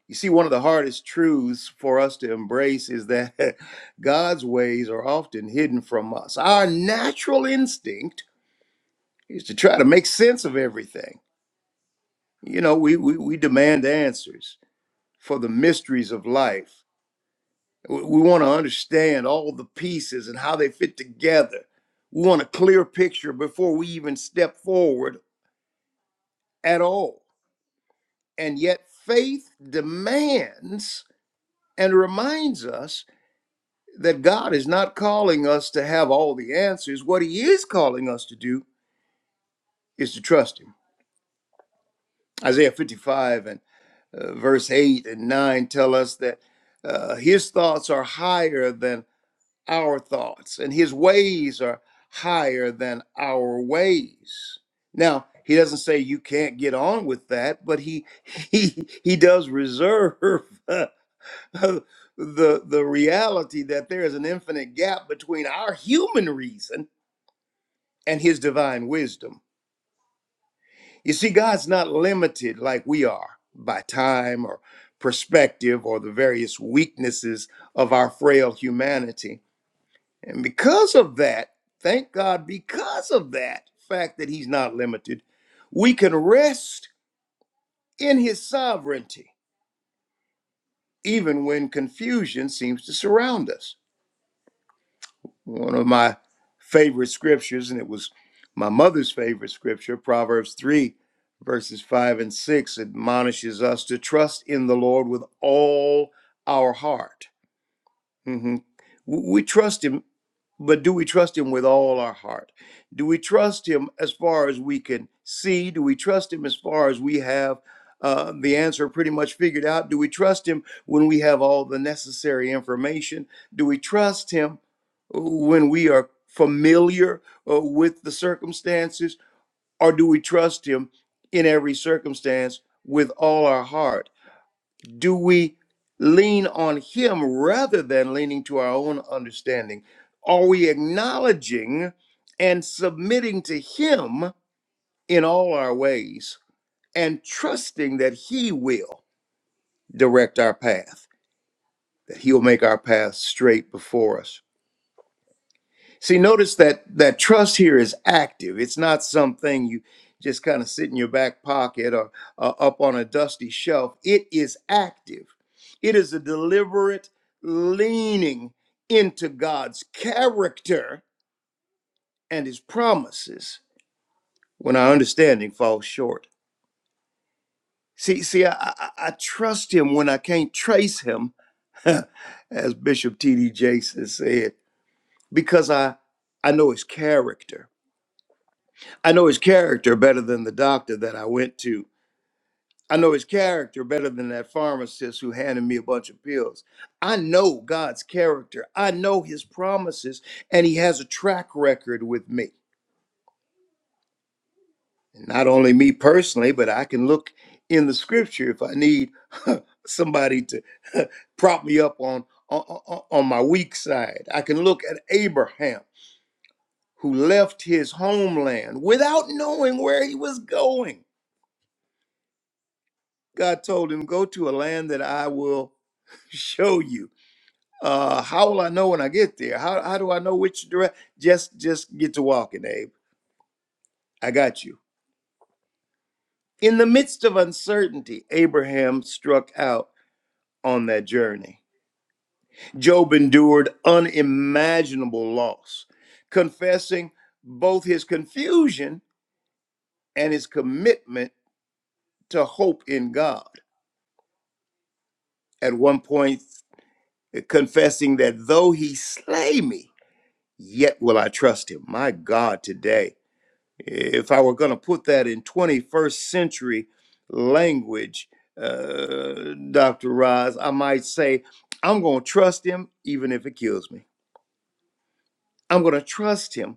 F: You see, one of the hardest truths for us to embrace is that God's ways are often hidden from us. Our natural instinct is to try to make sense of everything You know, we, we, we demand answers for the mysteries of life. We, we want to understand all the pieces and how they fit together. We want a clear picture before we even step forward at all. And yet, faith demands and reminds us that God is not calling us to have all the answers. What He is calling us to do is to trust Him. Isaiah 55 and uh, verse 8 and 9 tell us that uh, His thoughts are higher than our thoughts, and his ways are higher than our ways. Now, he doesn't say you can't get on with that, but he he he does reserve uh, the the reality that there is an infinite gap between our human reason and his divine wisdom. You see, God's not limited like we are by time or perspective or the various weaknesses of our frail humanity And because of that, thank God, because of that fact that he's not limited, we can rest in his sovereignty, even when confusion seems to surround us. One of my favorite scriptures, and it was my mother's favorite scripture, Proverbs 3, verses 5 and 6, admonishes us to trust in the Lord with all our heart hmm We trust Him, but do we trust Him with all our heart? Do we trust Him as far as we can see? Do we trust Him as far as we have uh, the answer pretty much figured out? Do we trust Him when we have all the necessary information? Do we trust Him uh, when we are familiar uh, with the circumstances? Or do we trust Him in every circumstance with all our heart? do we lean on him rather than leaning to our own understanding? Are we acknowledging and submitting to him in all our ways and trusting that he will direct our path, that he'll make our path straight before us? See, notice that that trust here is active. It's not something you just kind of sit in your back pocket or uh, up on a dusty shelf. It is active. It is a deliberate leaning into God's character and His promises when our understanding falls short. See, see, I, I, I trust Him when I can't trace Him, as Bishop T.D. Jakes has said, because I I know His character. I know his character better than the doctor that I went to. I know his character better than that pharmacist who handed me a bunch of pills. I know God's character. I know his promises, and he has a track record with me. And not only me personally, but I can look in the scripture if I need somebody to prop me up on, on, on on my weak side. I can look at Abraham, who left his homeland without knowing where he was going God told him, Go to a land that I will show you. Uh, how will I know when I get there? How, how do I know which direct? Just just get to walking, Abe. I got you. In the midst of uncertainty, Abraham struck out on that journey. Job endured unimaginable loss, confessing both his confusion and his commitment to hope in God. At one point, uh, confessing that though he slay me, yet will I trust him. My God, today, if I were going to put that in 21st century language, uh, Dr. Roz, I might say, I'm going to trust him even if it kills me. I'm going to trust him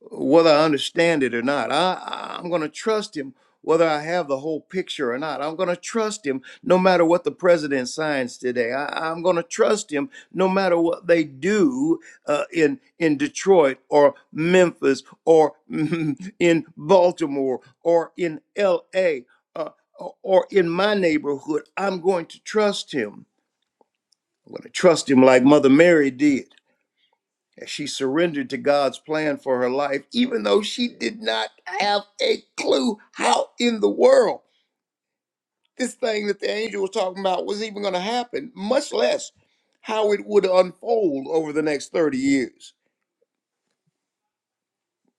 F: whether I understand it or not. I, I- am going to trust him whether I have the whole picture or not. I'm going to trust him no matter what the president signs today. I, I'm going to trust him no matter what they do uh, in in Detroit or Memphis or in Baltimore or in L.A. Uh, or in my neighborhood. I'm going to trust him. I'm going to trust him like Mother Mary did as she surrendered to God's plan for her life, even though she did not have a clue how in the world this thing that the angel was talking about was even going to happen, much less how it would unfold over the next 30 years.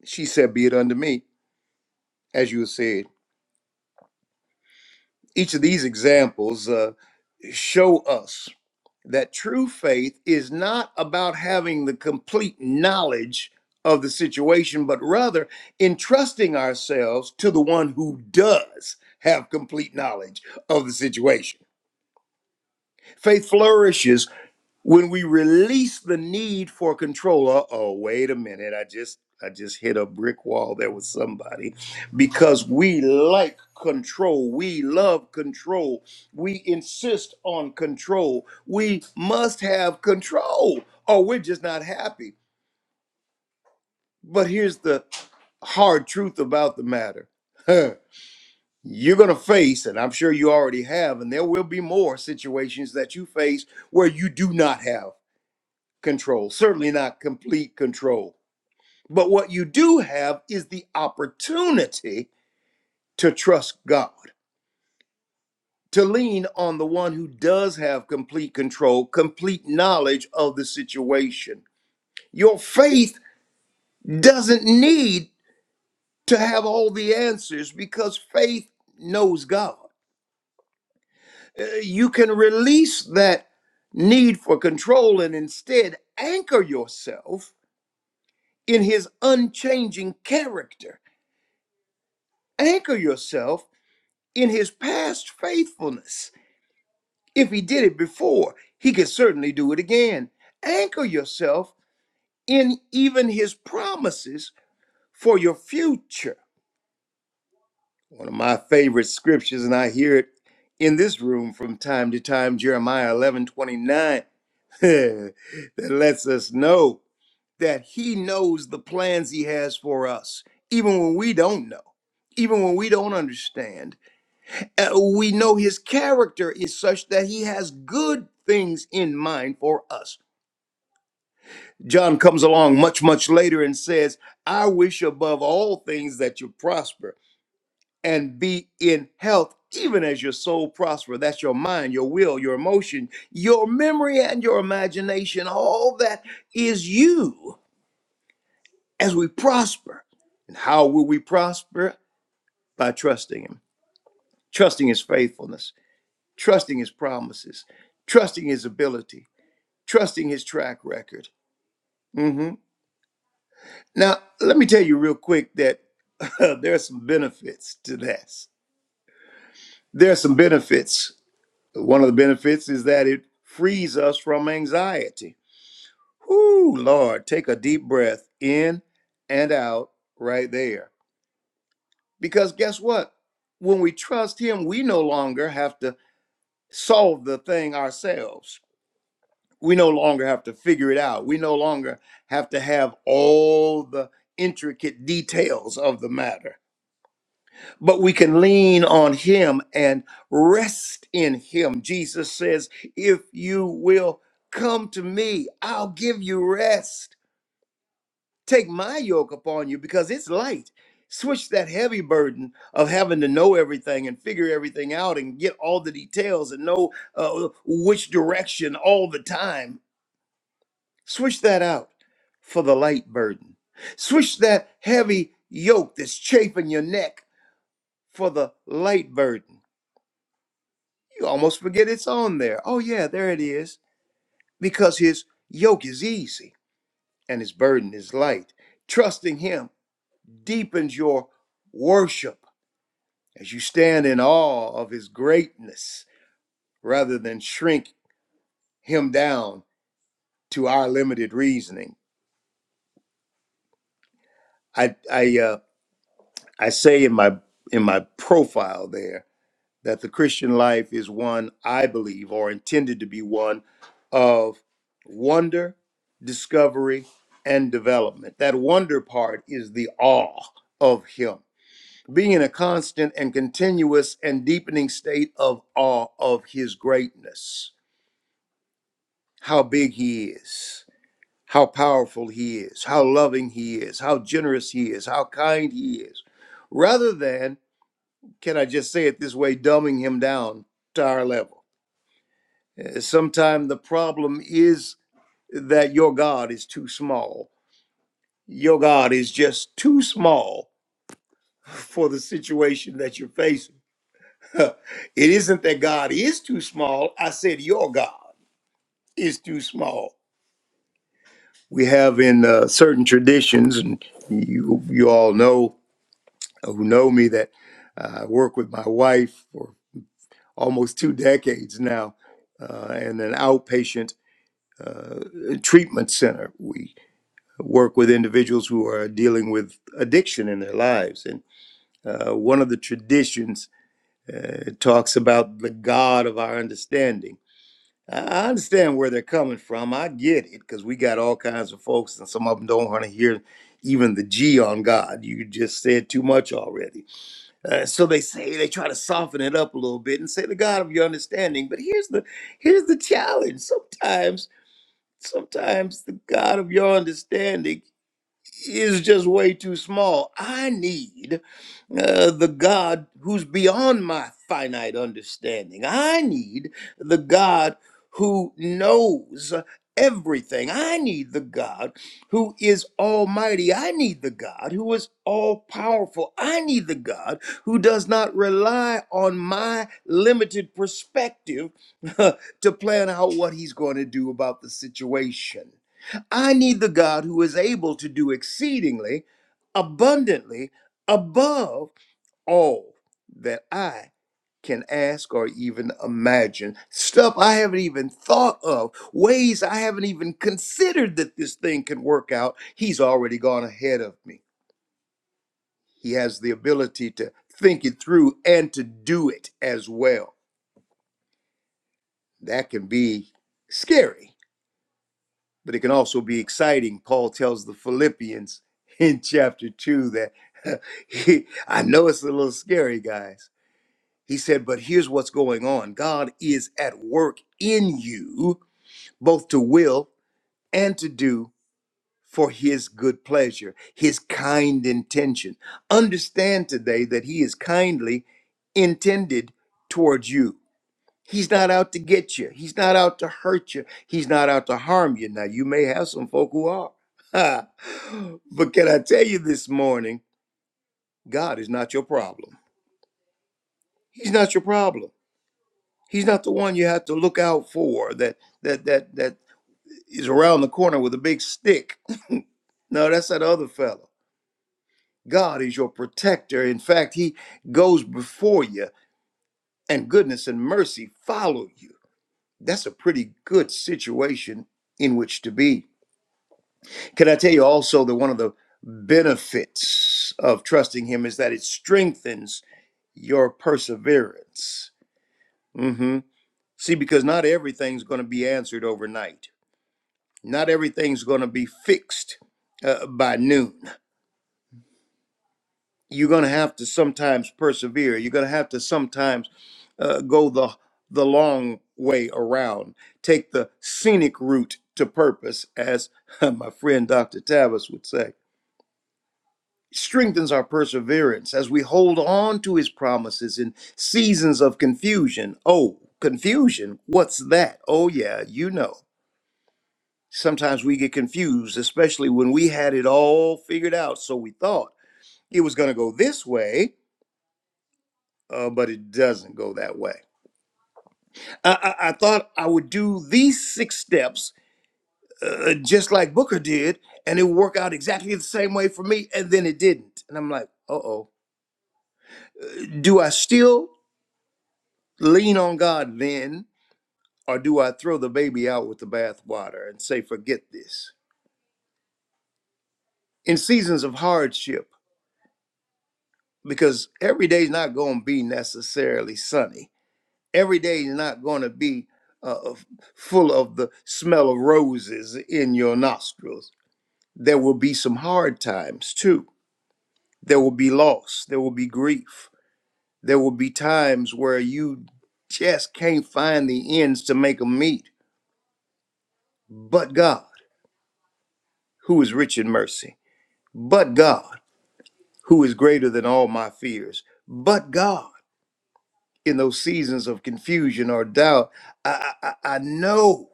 F: She said, Be it unto me, as you have said. Each of these examples uh, show us that true faith is not about having the complete knowledge of the situation, but rather entrusting ourselves to the one who does have complete knowledge of the situation. Faith flourishes when we release the need for control uh oh wait a minute i just i just hit a brick wall there with somebody because we like control we love control we insist on control we must have control or we're just not happy but here's the hard truth about the matter Huh. you're going to face and i'm sure you already have and there will be more situations that you face where you do not have control, certainly not complete control. But what you do have is the opportunity to trust God, to lean on the one who does have complete control, complete knowledge of the situation. Your faith doesn't need to have all the answers because faith knows God. Uh, You can release that need for control and instead anchor yourself in his unchanging character anchor yourself in his past faithfulness. If he did it before, he could certainly do it again. Anchor yourself in even his promises for your future. One of my favorite scriptures, and I hear it in this room from time to time, Jeremiah 11 29 that lets us know that he knows the plans he has for us, even when we don't know, even when we don't understand Uh, we know his character is such that he has good things in mind for us. John comes along much, much later and says, I wish above all things that you prosper and be in health, even as your soul prosper. That's your mind, your will, your emotion, your memory, and your imagination. All that is you as we prosper. And how will we prosper? By trusting him, trusting his faithfulness, trusting his promises, trusting his ability trusting his track record. hmm Now, let me tell you real quick that uh, there are some benefits to this. There are some benefits. One of the benefits is that it frees us from anxiety. Whoo, Lord, take a deep breath in and out right there. Because guess what? When we trust him, we no longer have to solve the thing ourselves We no longer have to figure it out. We no longer have to have all the intricate details of the matter, but we can lean on Him and rest in Him. Jesus says, If you will come to me, I'll give you rest. Take my yoke upon you because it's light. Switch that heavy burden of having to know everything and figure everything out and get all the details and know uh, which direction all the time Switch that out for the light burden. Switch that heavy yoke that's chafing your neck for the light burden. You almost forget it's on there. Oh, yeah, there it is. Because his yoke is easy and his burden is light. Trusting him deepens your worship as you stand in awe of his greatness rather than shrink him down to our limited reasoning. I, I, uh, I say in my, in my profile there, that the Christian life is one, I believe, or intended to be one of wonder, discovery, and development. That wonder part is the awe of Him, being in a constant and continuous and deepening state of awe of His greatness, how big He is. How powerful he is, how loving he is, how generous he is, how kind he is, rather than, can I just say it this way, dumbing him down to our level Sometimes the problem is that your God is too small. Your God is just too small for the situation that you're facing. it isn't that God is too small. I said your God is too small. We have in uh, certain traditions, and you you all know uh, who know me that uh, I work with my wife for almost two decades now, uh, in an outpatient uh, treatment center. We. work with individuals who are dealing with addiction in their lives. And uh, one of the traditions uh, talks about the God of our understanding. I understand where they're coming from. I get it because we got all kinds of folks, and some of them don't want to hear even the G on God. You just said too much already. Uh, so they say they try to soften it up a little bit and say the God of your understanding. But here's the here's the challenge. Sometimes sometimes the God of your understanding is just way too small. I need uh, the God who's beyond my finite understanding. I need the God who knows everything. I need the God who is almighty. I need the God who is all powerful. I need the God who does not rely on my limited perspective to plan out what he's going to do about the situation. I need the God who is able to do exceedingly abundantly above all that I can ask or even imagine. Stuff I haven't even thought of, ways I haven't even considered that this thing can work out. He's already gone ahead of me. He has the ability to think it through and to do it as well. That can be scary but it can also be exciting. Paul tells the Philippians in chapter 2 that he, I know it's a little scary, guys. He said, but here's what's going on God is at work in you, both to will and to do for his good pleasure, his kind intention. Understand today that he is kindly intended towards you He's not out to get you. He's not out to hurt you. He's not out to harm you. Now, you may have some folk who are. but can I tell you this morning, God is not your problem. He's not your problem. He's not the one you have to look out for that that that that is around the corner with a big stick. No, that's that other fellow. God is your protector. In fact, he goes before you and goodness and mercy follow you. That's a pretty good situation in which to be. Can I tell you also that one of the benefits of trusting Him is that it strengthens your perseverance? hmm See, because not everything's going to be answered overnight, not everything's going to be fixed uh, by noon. You're going to have to sometimes persevere, you're going to have to sometimes uh, go the, the long way around, take the scenic route to purpose, as my friend Dr. Tavis would say. strengthens our perseverance as we hold on to his promises in seasons of confusion. Oh, confusion? What's that? Oh, yeah, you know. Sometimes we get confused, especially when we had it all figured out. So we thought it was going to go this way, uh, but it doesn't go that way. I, I, I thought I would do these six steps uh, just like Booker did, and it would work out exactly the same way for me, and then it didn't. And I'm like, uh oh do I still? lean on God then, or do I throw the baby out with the bathwater and say, forget this? In seasons of hardship, because every day's not going to be necessarily sunny, every day is not going to be uh, full of the smell of roses in your nostrils. There will be some hard times too. There will be loss, there will be grief, there will be times where you just can't find the ends to make them meet. But God, who is rich in mercy, but God, who is greater than all my fears, but God, in those seasons of confusion or doubt, I, I, I know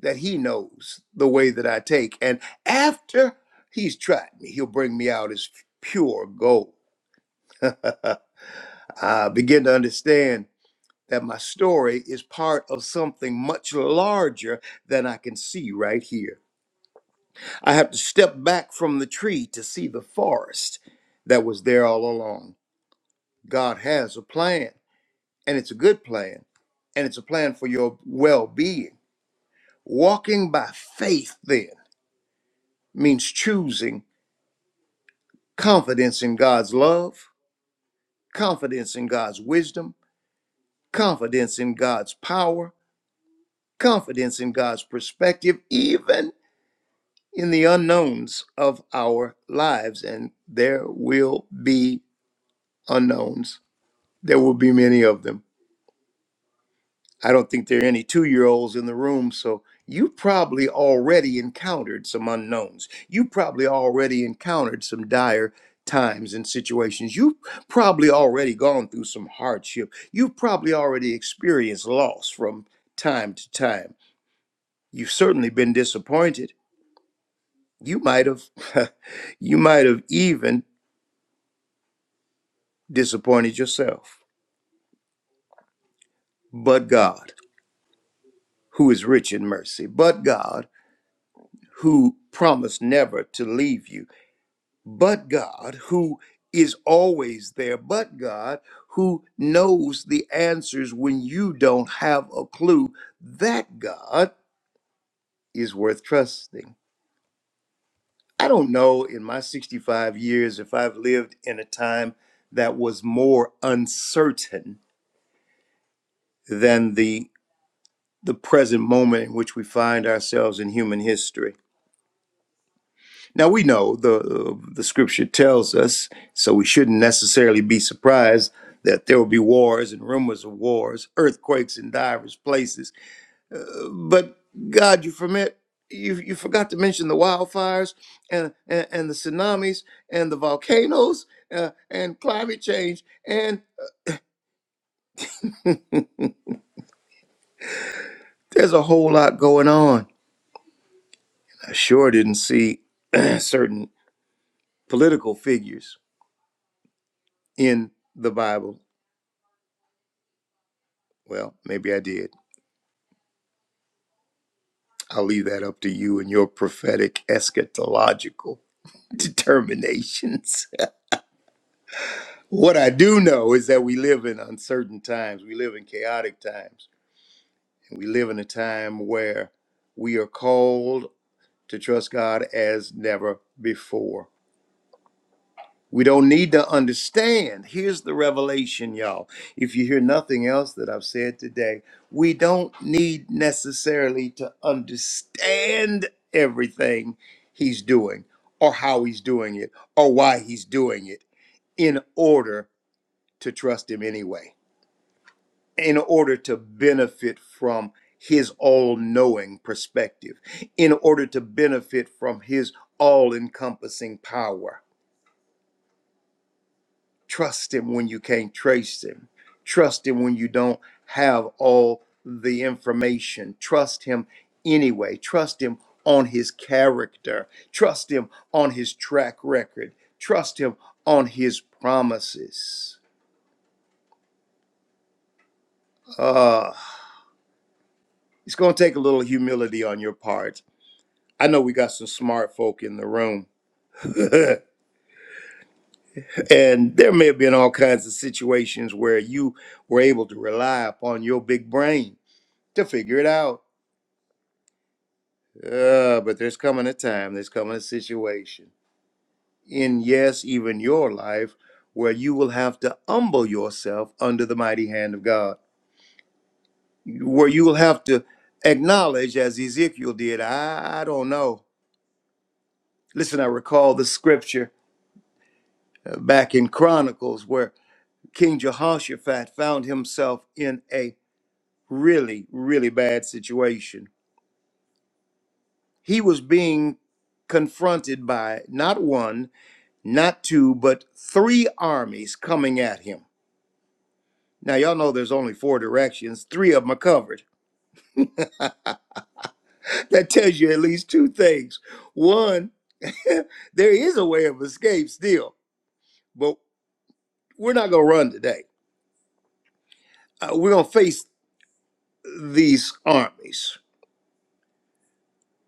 F: that He knows the way that I take. And after He's tried me, He'll bring me out as pure gold. I begin to understand that my story is part of something much larger than I can see right here. I have to step back from the tree to see the forest that was there all along. God has a plan, and it's a good plan, and it's a plan for your well being. Walking by faith then means choosing confidence in God's love, confidence in God's wisdom, confidence in God's power, confidence in God's perspective, even in the unknowns of our lives. And there will be unknowns, there will be many of them. I don't think there are any two year olds in the room, so you probably already encountered some unknowns. You probably already encountered some dire times and situations. You've probably already gone through some hardship. You've probably already experienced loss from time to time. You've certainly been disappointed. You might have, you might have even disappointed yourself. But God, who is rich in mercy, but God, who promised never to leave you but God, who is always there, but God, who knows the answers when you don't have a clue, that God is worth trusting. I don't know in my 65 years if I've lived in a time that was more uncertain than the the present moment in which we find ourselves in human history Now we know the uh, the scripture tells us, so we shouldn't necessarily be surprised that there will be wars and rumors of wars, earthquakes in diverse places. Uh, but God, you forget you you forgot to mention the wildfires and and, and the tsunamis and the volcanoes uh, and climate change and there's a whole lot going on. I sure didn't see certain political figures in the Bible. Well, maybe I did I'll leave that up to you and your prophetic eschatological determinations. what I do know is that we live in uncertain times, we live in chaotic times, and we live in a time where we are called to trust God as never before. We don't need to understand. Here's the revelation, y'all. If you hear nothing else that I've said today, we don't need necessarily to understand everything he's doing or how he's doing it or why he's doing it in order to trust him anyway, in order to benefit from his all knowing perspective, in order to benefit from his all encompassing power Trust him when you can't trace him. Trust him when you don't have all the information. Trust him anyway. Trust him on his character. Trust him on his track record. Trust him on his promises. Uh, it's going to take a little humility on your part. I know we got some smart folk in the room, and there may have been all kinds of situations where you were able to rely upon your big brain to figure it out Uh, but there's coming a time, there's coming a situation in, yes, even your life, where you will have to humble yourself under the mighty hand of God, where you will have to acknowledge, as Ezekiel did, I, I don't know. Listen, I recall the scripture uh, back in Chronicles where King Jehoshaphat found himself in a really, really bad situation. He was being confronted by not one, not two, but three armies coming at him. Now, y'all know there's only four directions, three of them are covered. That tells you at least two things. One, there is a way of escape still, but we're not going to run today. Uh, we're going to face these armies.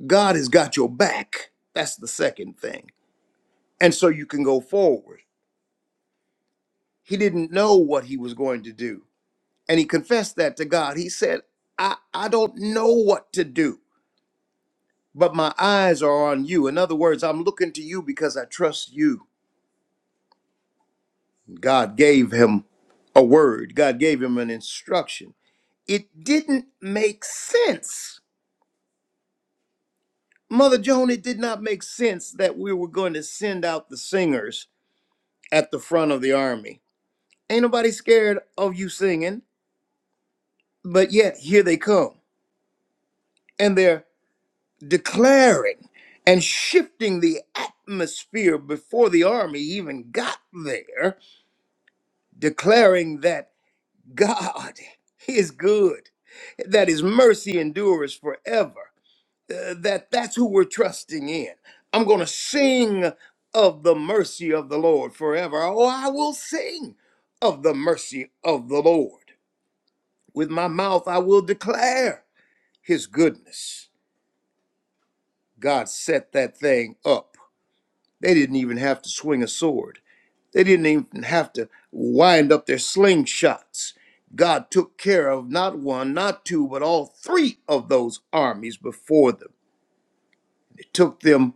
F: God has got your back. That's the second thing. And so you can go forward. He didn't know what he was going to do. And he confessed that to God. He said, I, I don't know what to do but my eyes are on you. In other words, I'm looking to you because I trust you. God gave him a word, God gave him an instruction. It didn't make sense. Mother Joan, it did not make sense that we were going to send out the singers at the front of the army. Ain't nobody scared of you singing, but yet here they come. And they're declaring and shifting the atmosphere before the army even got there, declaring that. God is good, that his mercy endures forever, uh, that that's who we're trusting in. I'm going to sing of the mercy of the Lord forever. Oh, I will sing of the mercy of the Lord. With my mouth, I will declare his goodness. God set that thing up. They didn't even have to swing a sword They didn't even have to wind up their slingshots. God took care of not one, not two, but all three of those armies before them. It took them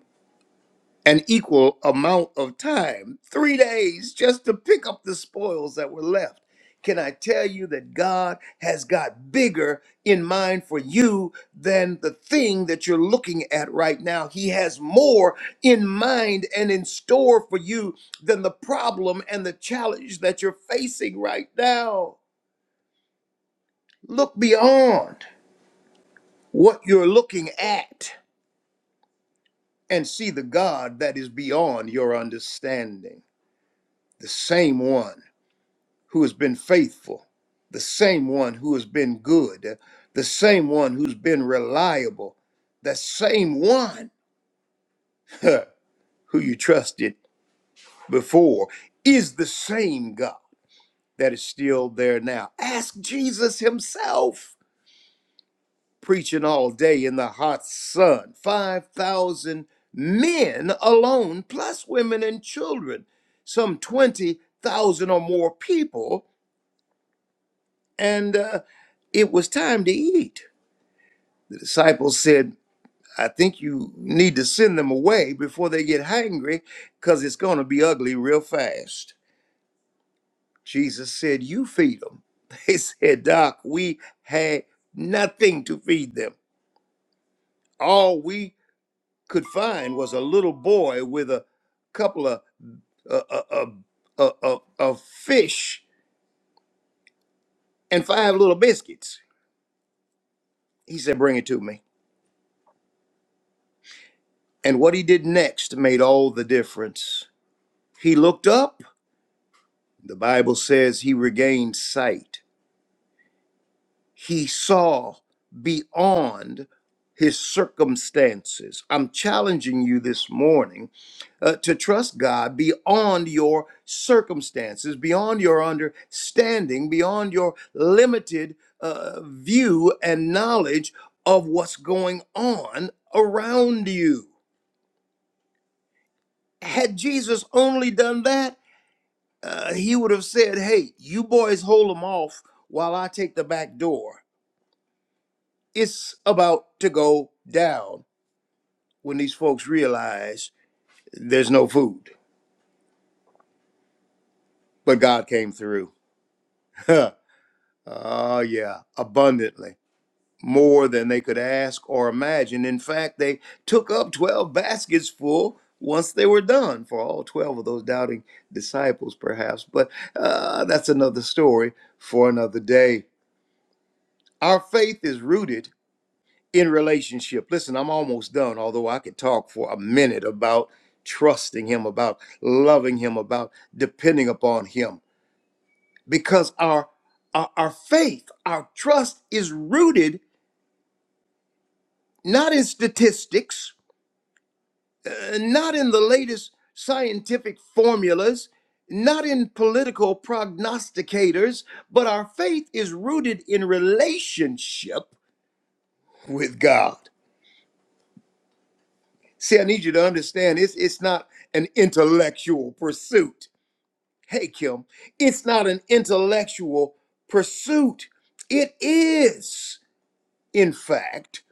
F: an equal amount of time, three days, just to pick up the spoils that were left. Can I tell you that God has got bigger in mind for you than the thing that you're looking at right now? He has more in mind and in store for you than the problem and the challenge that you're facing right now. Look beyond what you're looking at and see the God that is beyond your understanding, the same one who has been faithful, the same one who has been good, the same one who's been reliable, the same one huh, who you trusted before is the same God that is still there now. Ask Jesus Himself preaching all day in the hot sun, 5,000 men alone, plus women and children, some 20,000 or more people, and uh, it was time to eat. disciples said, I think you need to send them away before they get hangry because it's going to be ugly real fast. Jesus said, You feed them. They said, Doc, we had nothing to feed them. All we could find was a little boy with a couple of uh, uh, uh, uh, uh, uh, fish and five little biscuits. He said, Bring it to me. And what he did next made all the difference. He looked up The Bible says he regained sight. He saw beyond his circumstances. I'm challenging you this morning uh, to trust God beyond your circumstances, beyond your understanding, beyond your limited uh, view and knowledge of what's going on around you. Had Jesus only done that, uh, he would have said, Hey, you boys hold them off while I take the back door. It's about to go down when these folks realize there's no food. But God came through. oh, uh, yeah, abundantly, more than they could ask or imagine. In fact, they took up 12 baskets full once they were done for all 12 of those doubting disciples, perhaps. But uh, that's another story for another day. Our faith is rooted in relationship. Listen, I'm almost done, although I could talk for a minute about trusting him, about loving him, about depending upon him. Because our our, our faith, our trust is rooted not in statistics, uh, not in the latest scientific formulas, not in political prognosticators, but our faith is rooted in relationship with God. See, I need you to understand it's it's not an intellectual pursuit. Hey, Kim, it's not an intellectual pursuit. It is, in fact,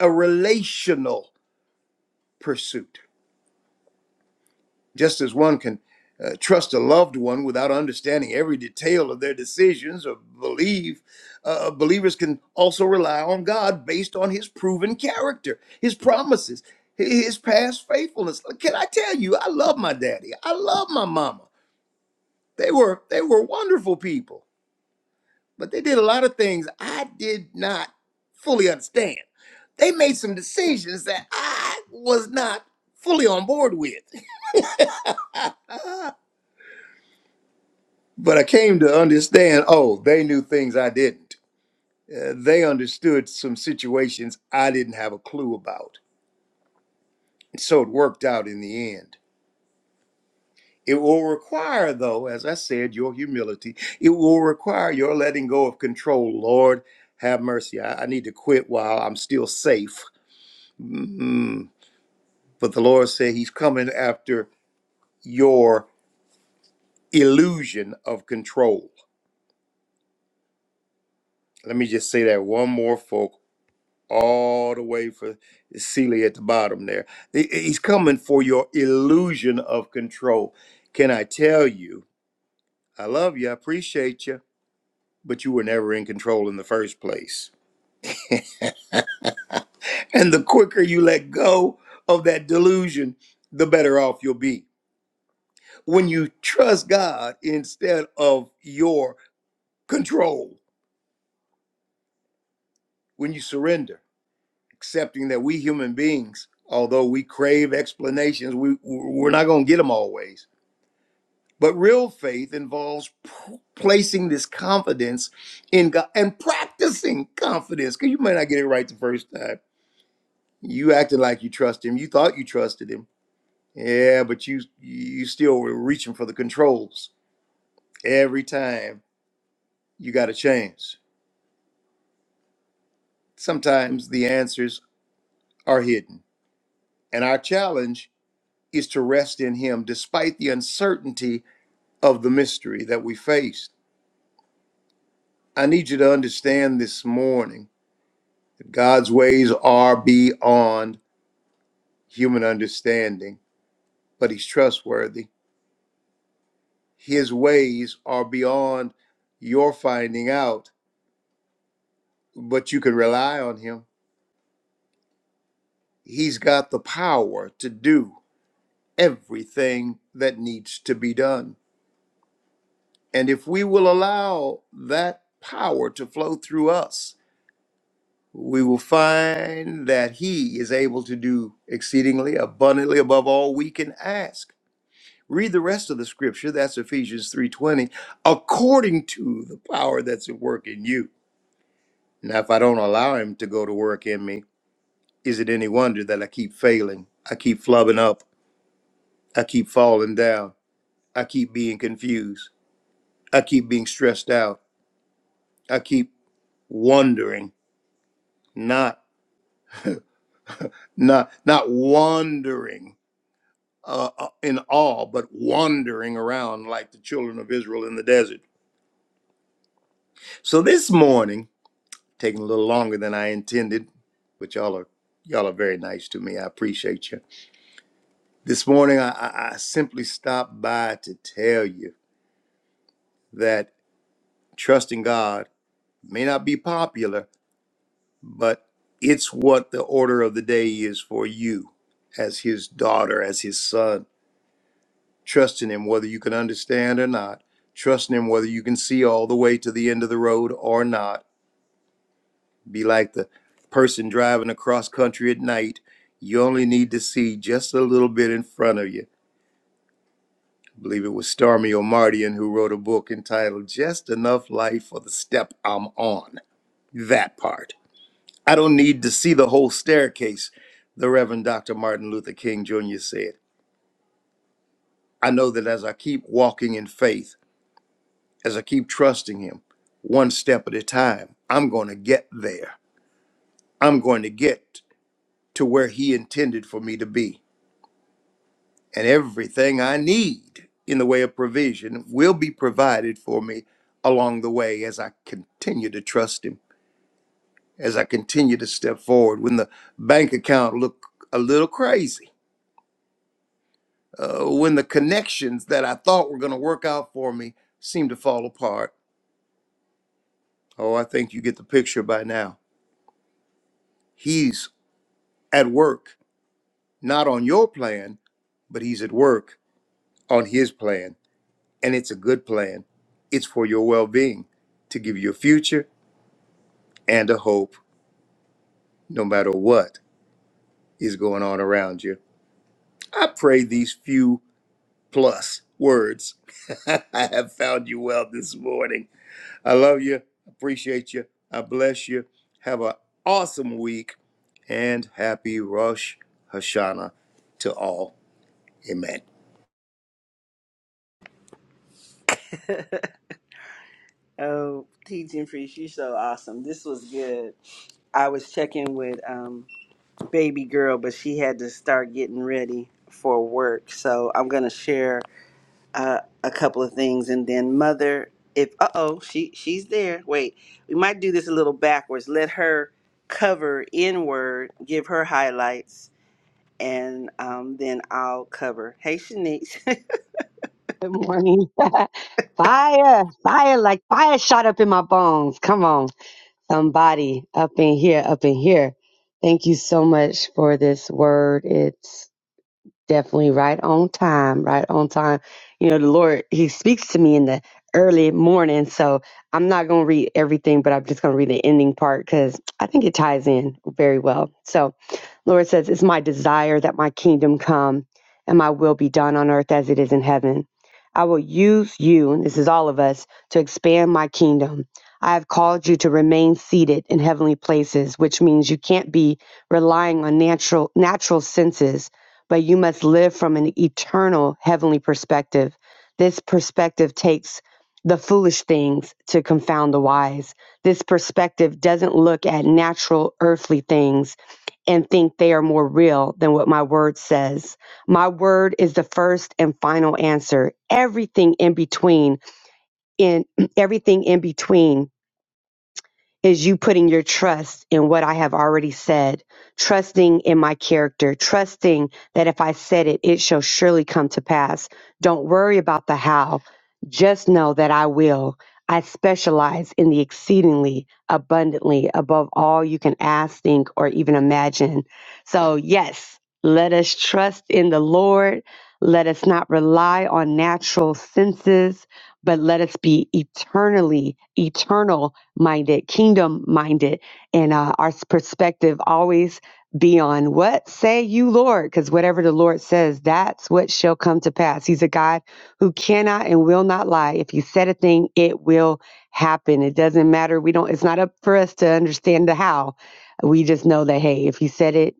F: a relational pursuit. Just as one can uh, trust a loved one without understanding every detail of their decisions or believe, uh, uh, believers can also rely on God based on his proven character, his promises, his past faithfulness. Can I tell you, I love my daddy. I love my mama. They were they were wonderful people, but they did a lot of things I did not fully understand. They made some decisions that I was not fully on board with But I came to understand oh, they knew things I didn't. Uh, they understood some situations I didn't have a clue about. And so it worked out in the end. It will require, though, as I said, your humility. It will require your letting go of control. Lord, have mercy. I, I need to quit while I'm still safe. Mm-mm. But the Lord said He's coming after your illusion of control. Let me just say that one more, folks. all the way for Celia at the bottom there. He- He's coming for your illusion of control. Can I tell you, I love you, I appreciate you, but you were never in control in the first place. And the quicker you let go of that delusion, the better off you'll be. When you trust God instead of your control, when you surrender, accepting that we human beings, although we crave explanations, we, we're not going to get them always But real faith involves p- placing this confidence in God and practicing confidence because you might not get it right the first time. You acted like you trust him. You thought you trusted him. Yeah, but you you still were reaching for the controls every time. You got a chance. Sometimes the answers are hidden, and our challenge is to rest in Him despite the uncertainty of the mystery that we face. I need you to understand this morning God's ways are beyond human understanding, but He's trustworthy. His ways are beyond your finding out, but you can rely on Him. He's got the power to do everything that needs to be done. And if we will allow that power to flow through us, we will find that He is able to do exceedingly abundantly above all we can ask Read the rest of the scripture, that's Ephesians 3:20, according to the power that's at work in you. Now if I don't allow him to go to work in me, is it any wonder that I keep failing? I keep flubbing up, I keep falling down, I keep being confused, I keep being stressed out, I keep wondering, not not not wandering uh, uh, in awe, but wandering around like the children of Israel in the desert. So this morning taking a little longer than I intended, but y'all are y'all are very nice to me. I appreciate you. This morning, I, I I simply stopped by to tell you that trusting God may not be popular, but it's what the order of the day is for you as His daughter, as His son. Trusting Him whether you can understand or not. Trusting Him whether you can see all the way to the end of the road or not Be like the person driving across country at night. You only need to see just a little bit in front of you. I believe it was Stormy O'Mardian who wrote a book entitled Just Enough Life for the Step I'm On. That part. I don't need to see the whole staircase, the Reverend Dr. Martin Luther King Jr. said. I know that as I keep walking in faith, as I keep trusting Him, one step at a time, I'm going to get there. I'm going to get to where He intended for me to be. and everything I need in the way of provision will be provided for me along the way as I continue to trust Him, as I continue to step forward. When the bank account looked a little crazy, uh, when the connections that I thought were going to work out for me seem to fall apart. Oh, I think you get the picture by now. He's at work, not on your plan, but He's at work on His plan, and it's a good plan. It's for your well being to give you a future and a hope no matter what is going on around you. I pray these few plus words I have found you well this morning. I love you. Appreciate you. I bless you. Have an awesome week and happy Rosh Hashanah to all. Amen.
A: oh, teaching priest, you're so awesome. This was good. I was checking with um. baby girl, but she had to start getting ready for work. So I'm gonna share uh, a couple of things, and then mother, if uh oh, she she's there. Wait, we might do this a little backwards. Let her cover inward, give her highlights, and um, then I'll cover. Hey, Shanice,
G: Good morning. fire, fire, like fire shot up in my bones. Come on, somebody up in here, up in here. Thank you so much for this word. It's definitely right on time, right on time. You know, the Lord, He speaks to me in the early morning. So I'm not going to read everything, but I'm just going to read the ending part because I think it ties in very well. So, Lord says, It's my desire that my kingdom come and my will be done on earth as it is in heaven. I will use you, and this is all of us, to expand my kingdom. I have called you to remain seated in heavenly places, which means you can't be relying on natural natural senses, but you must live from an eternal heavenly perspective. This perspective takes the foolish things to confound the wise. This perspective doesn't look at natural earthly things and think they are more real than what my word says. My word is the first and final answer. Everything in between, in everything in between is you putting your trust in what I have already said, trusting in my character, trusting that if I said it, it shall surely come to pass. Don't worry about the how. Just know that I will. I specialize in the exceedingly abundantly above all you can ask, think, or even imagine. So, yes, let us trust in the Lord. Let us not rely on natural senses, but let us be eternally, eternal minded, kingdom minded, and uh, our perspective always be on what say you, Lord? Because whatever the Lord says, that's what shall come to pass. He's a God who cannot and will not lie. If He said a thing, it will happen. It doesn't matter. We don't. It's not up for us to understand the how. We just know that hey, if He said it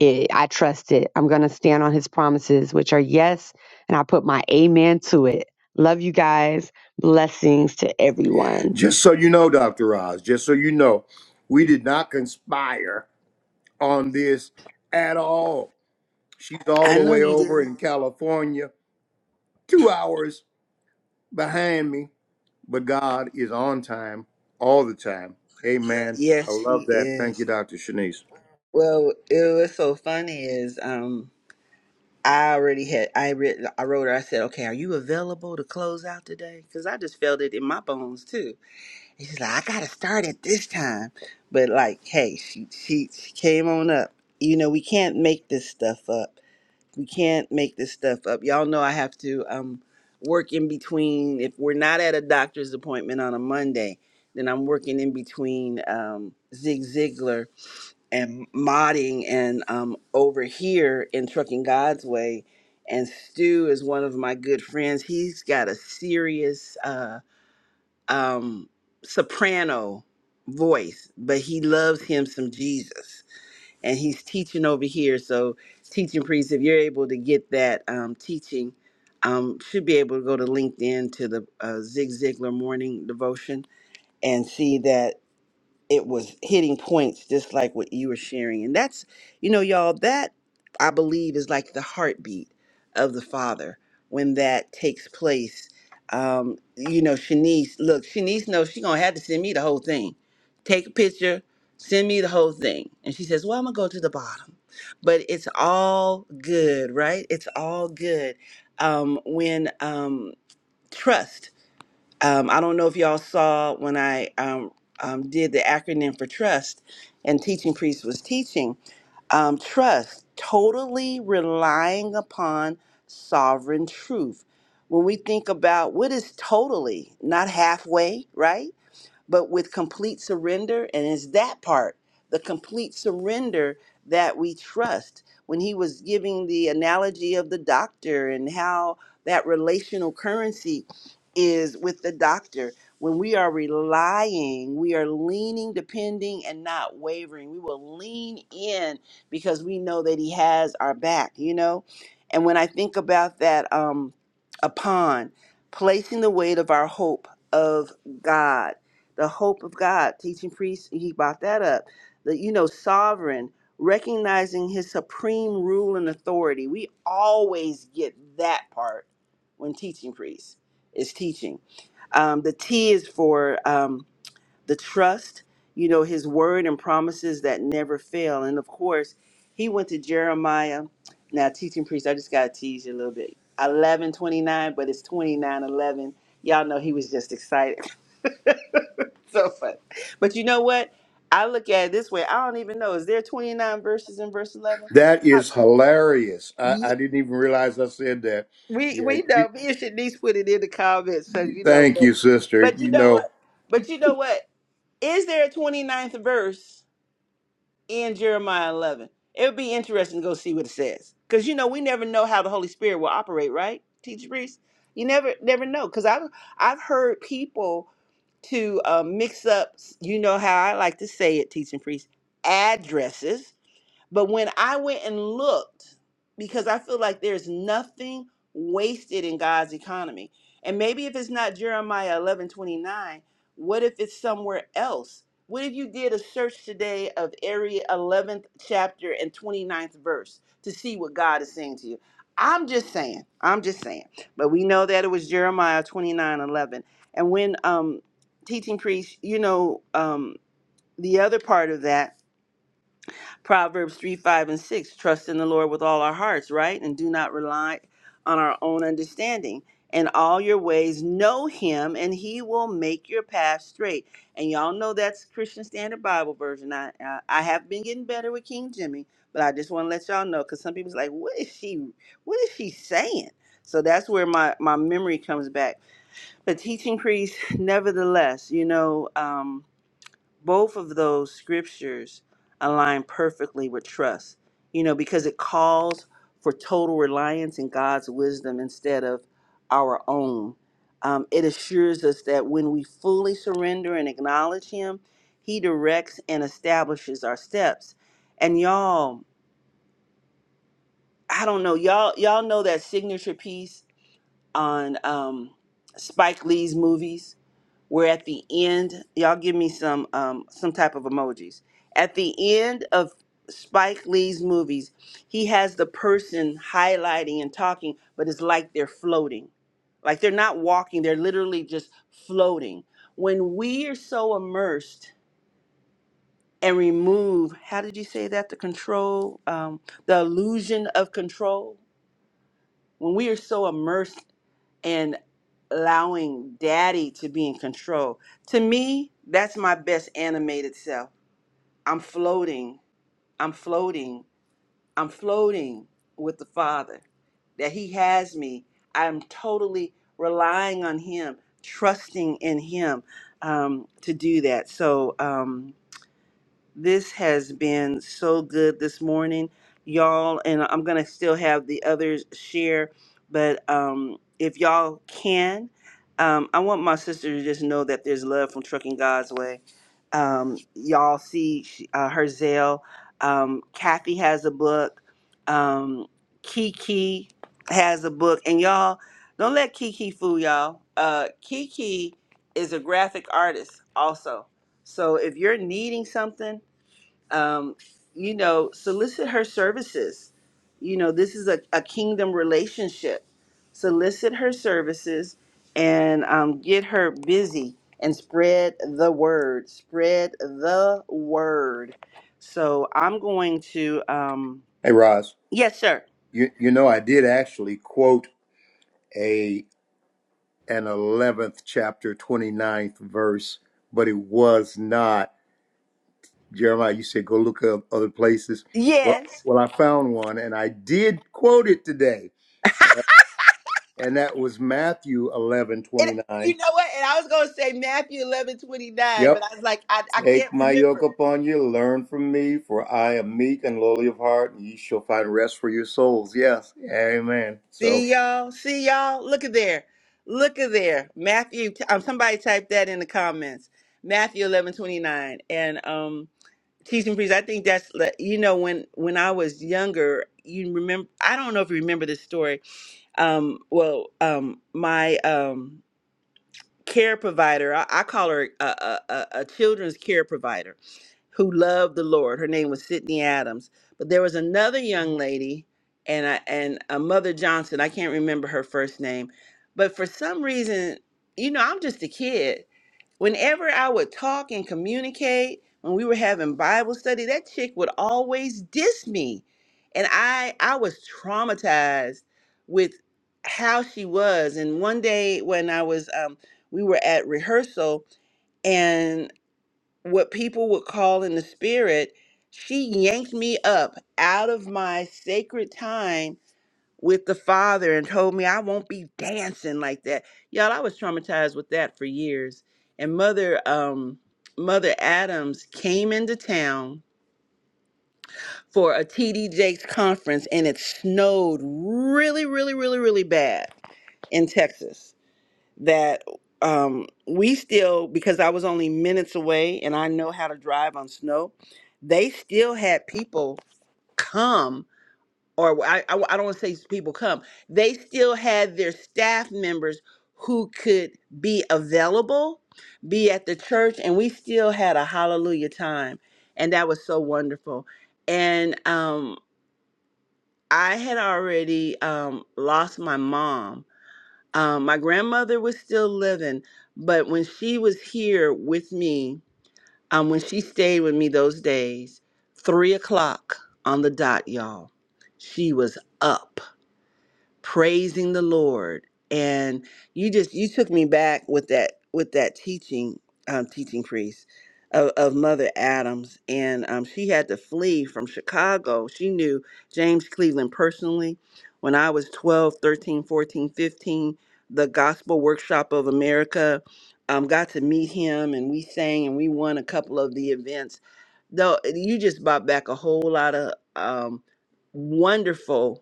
G: it, I trust it. I'm going to stand on his promises, which are yes, and I put my amen to it. Love you guys. Blessings to everyone.
F: Just so you know, Dr. Oz, just so you know, we did not conspire on this at all. She's all
A: I
F: the
A: know
F: way
A: you
F: over
A: did.
F: in California, two hours behind me, but God is on time all the time. Amen. I
A: Yes,
F: love
A: he
F: that. Thank you,
A: is.
F: Dr. Shanice.
A: Well, it was so funny is um I already had I written I wrote her, I said, Okay, are you available to close out today? Because I just felt it in my bones too. And she's like, I gotta start at this time. But like, hey, she she, she came on up. You know, we can't make this stuff up. We can't make this stuff up. Y'all know I have to um work in between if we're not at a doctor's appointment on a Monday, then I'm working in between um Zig Ziglar and modding and um, over here in Trucking God's Way. And Stu is one of my good friends. He's got a serious uh, um, soprano voice, but he loves him some Jesus. And he's teaching over here. So, teaching priest, if you're able to get that um, teaching, um, should be able to go to LinkedIn to the uh, Zig Ziglar morning devotion and see that it was hitting points just like what you were sharing and that's you know y'all that i believe is like the heartbeat of the father when that takes place um you know shanice look shanice knows she gonna have to send me the whole thing take a picture send me the whole thing and she says well i'm gonna go to the bottom but it's all good right it's all good um when um trust um, I don't know if y'all saw when I um, um, did the acronym for trust and teaching priest was teaching. Um, trust, totally relying upon sovereign truth. When we think about what is totally, not halfway, right? but with complete surrender. And it's that part, the complete surrender that we trust. When he was giving the analogy of the doctor and how that relational currency is with the doctor, when we are relying, we are leaning, depending, and not wavering. We will lean in because we know that he has our back, you know? And when I think about that, um, upon placing the weight of our hope of God the hope of God, teaching priests, he brought that up. The you know, sovereign, recognizing his supreme rule and authority. We always get that part when teaching priests is teaching. Um, the T is for um, the trust, you know, his word and promises that never fail. And of course, he went to Jeremiah. Now, teaching priest, I just got to tease you a little bit. 1129, but it's 2911. Y'all know he was just excited. so funny. But you know what? I look at it this way. I don't even know. Is there 29 verses in verse 11?
F: That
A: Like,
F: is hilarious. I,
A: ye-
F: I didn't even realize I said that.
A: we
F: Yeah.
A: we
F: You,
A: know me and Shanice put it in the comments. So
F: you-
A: you know,
F: thank
A: but
F: you, sister.
A: but you
F: You
A: know
F: know,
A: what? But you know what? Is there a twenty ninth verse in Jeremiah 11? It would be interesting to go see what it says. Because you know, we never know how the Holy Spirit will operate, right? Teacher Priest? You never never know. Because I've I've heard people to uh, mix up, you know how I like to say it, teaching priests, addresses but when I went and looked, because I feel like there's nothing wasted in God's economy. And maybe if it's not Jeremiah 11 29, what if it's somewhere else? What if you did a search today of area 11th chapter and twenty ninth verse to see what God is saying to you? I'm just saying, I'm just saying. But we know that it was Jeremiah 29 11, And when um, teaching priest, you know, um, the other part of that Proverbs 3, 5, and 6. Trust in the Lord with all our hearts, right? And do not rely on our own understanding. In all your ways, know him, and he will make your path straight. And y'all know that's Christian Standard Bible Version. I, I, I have been getting better with King Jimmy, but I just want to let y'all know because some people's like, what is she, what is she saying? So that's where my, my memory comes back. But teaching priests, nevertheless, you know, um both of those scriptures align perfectly with trust, you know, because it calls for total reliance in God's wisdom instead of our own. Um, it assures us that when we fully surrender and acknowledge Him, He directs and establishes our steps. And y'all, I don't know, y'all, y'all know that signature piece on um, Spike Lee's movies we're at the end. Y'all give me some um, some type of emojis. At the end of Spike Lee's movies, he has the person highlighting and talking, but it's like they're floating. Like they're not walking, they're literally just floating. When we are so immersed and remove, how did you say that? The control, um, the illusion of control. When we are so immersed and allowing daddy to be in control. To me, that's my best animated self. I'm floating, I'm floating, I'm floating with the Father, that He has me. I'm totally relying on Him, trusting in Him um, to do that. So, um, this has been so good this morning, y'all. And I'm going to still have the others share, but um, if y'all can, um, I want my sister to just know that there's love from Trucking God's Way. Um, y'all see she- uh, her Zelle. Um, Kathy has a book. Um, Kiki has a book. And y'all, don't let Kiki fool y'all. Uh, Kiki is a graphic artist also. So if you're needing something, um, you know, solicit her services. You know, this is a, a kingdom relationship. Solicit her services and um, get her busy and spread the word. Spread the word. So I'm going to, um,
F: hey, Roz,
A: yes, sir.
F: you, you know, I did actually quote a an 11th chapter, twenty ninth verse, but it was not. Jeremiah, you said go look up other places. Well,
A: Yes.
F: well, I found one and I did quote it today. and that was Matthew eleven
A: And
F: twenty
A: you
F: nine.
A: know what? And I was going to say Matthew 11 twenty nine,
F: Yep.
A: but I was like, I, I can't
F: Take my
A: remember.
F: yoke upon you, learn from me, for I am meek and lowly of heart, and ye shall find rest for your souls. Yes. Amen. So
A: See y'all. See y'all. Look at there. Look at there. Matthew. t- Um, somebody typed that in the comments. Matthew eleven twenty nine. And um, teaching priest. I think that's the- you know when when I was younger. You remember? I don't know if you remember this story. Um, well, um, my um care provider. I, I call her a, a, a, a children's care provider who loved the Lord. Her name was Sydney Adams. But there was another young lady and I, and a mother Johnson. I can't remember her first name, but for some reason, you know, I'm just a kid. Whenever I would talk and communicate, when we were having Bible study, that chick would always diss me, and I I was traumatized with how she was. And one day when I was um, we were at rehearsal and what people would call in the spirit, she yanked me up out of my sacred time with the Father and told me I won't be dancing like that. Y'all, I was traumatized with that for years. And mother, um, Mother Adams came into town for a TD Jakes conference and it snowed really, really, really, really bad in Texas that um, we still, because I was only minutes away and I know how to drive on snow, they still had people come, or I, I, I don't want to say people come, they still had their staff members who could be available, be at the church, and we still had a hallelujah time. And that was so wonderful. And um, I had already um, lost my mom um, my grandmother was still living, but when she was here with me, um, when she stayed with me those days, three o'clock on the dot, y'all, she was up praising the Lord. And you just you took me back with that with that teaching um, teaching priest of, of Mother Adams, and um, she had to flee from Chicago. She knew James Cleveland personally. When I was 12, 13, 14, 15, the Gospel Workshop of America um, got to meet him, and we sang and we won a couple of the events. Though eh, you just brought back a whole lot of um, wonderful,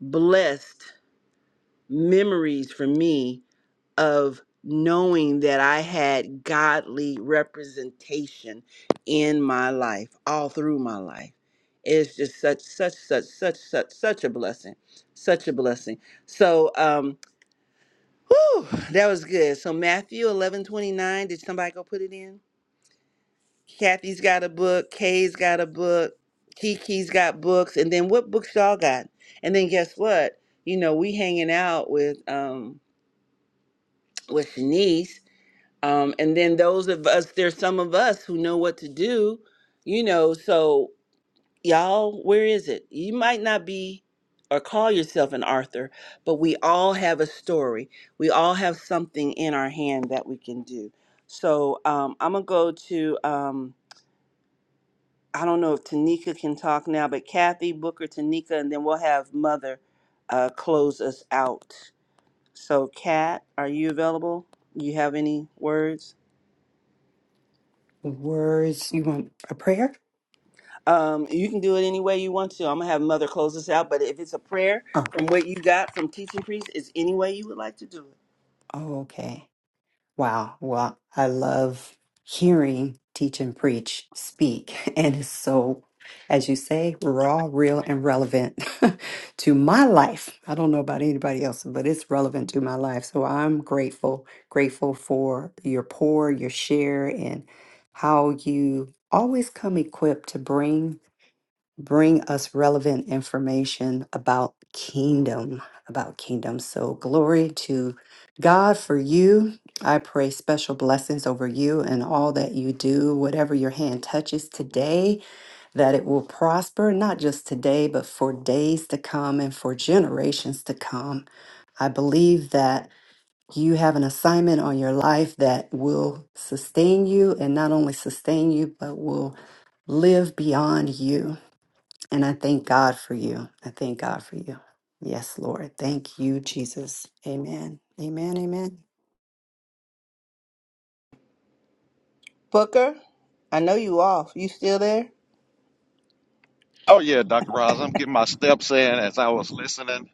A: blessed memories for me of knowing that I had godly representation in my life, all through my life. It's just such, such, such, such, such, such a blessing, such a blessing. So, um, whew, that was good. So Matthew eleven twenty nine. Did somebody go put it in? Kathy's got a book. Kay's got a book. Kiki's got books. And then what books y'all got? And then guess what? You know, we hanging out with um with Shanice. Um, and then those of us, there's some of us who know what to do, you know. So, y'all, where is it? You might not be or call yourself an Arthur, but we all have a story. We all have something in our hand that we can do. So, um, I'm going to go to, um, I don't know if Tanika can talk now, but Kathy, Booker, Tanika, and then we'll have Mother uh, close us out. So, Kat, are you available? You have any words?
C: words you want a prayer?
A: Um, you can do it any way you want to. I'm gonna have Mother close us out, but if it's a prayer
C: Oh,
A: from what you got from teaching priest, it's any way you would like to do it.
C: oh, okay. Wow. Well, I love hearing teach and preach speak, and it's so, as you say, raw, real, and relevant to my life. I don't know about anybody else, but it's relevant to my life. So I'm grateful, grateful for your pour, your share, and how you always come equipped to bring. bring us relevant information about kingdom about kingdom so glory to god for you i pray special blessings over you and all that you do whatever your hand touches today that it will prosper not just today but for days to come and for generations to come i believe that you have an assignment on your life that will sustain you and not only sustain you but will live beyond you and I thank God for you. I thank God for you. Yes, Lord. Thank you, Jesus. Amen. Amen. Amen.
A: Booker, I know you off. You still there?
B: Oh yeah, Dr. Roz, I'm getting my steps in as I was listening, and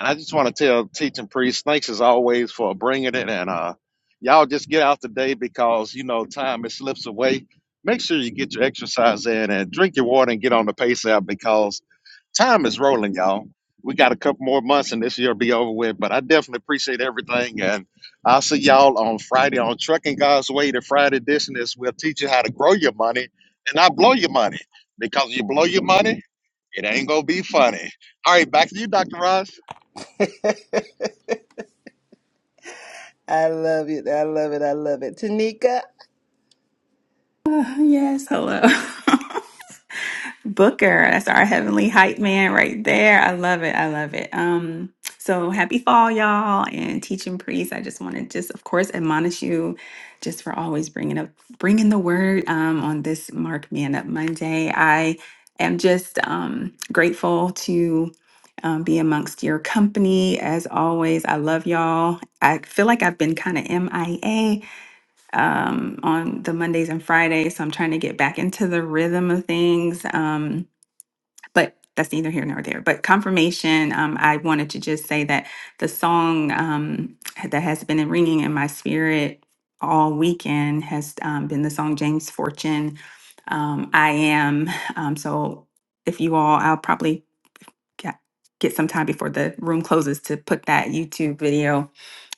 B: I just want to tell teaching priest thanks as always for bringing it, and uh, y'all just get out today because you know time it slips away. Make sure you get your exercise in and drink your water and get on the pace app because time is rolling, y'all. We got a couple more months and this year will be over with, but I definitely appreciate everything, and I'll see y'all on Friday on Trucking God's Way. The Friday edition is we'll teach you how to grow your money and not blow your money because you blow your money. It ain't gonna be funny. All right, back to you, Dr. Ross.
A: I love it. I love it. I love it. Tanika,
D: Uh, yes, hello. Booker, that's our heavenly hype man right there. I love it. I love it. Um, so happy fall, y'all, and teaching priest. I just want to just, of course, admonish you, just for always bringing up, bringing the word um, on this Mark Man Up Monday. I am just um, grateful to um, be amongst your company as always. I love y'all. I feel like I've been kind of MIA um, on the Mondays and Fridays. So I'm trying to get back into the rhythm of things. Um, but that's neither here nor there. But confirmation, um, I wanted to just say that the song um, that has been ringing in my spirit all weekend has um, been the song James Fortune, um, I Am. Um, so if you all, I'll probably get, get some time before the room closes to put that YouTube video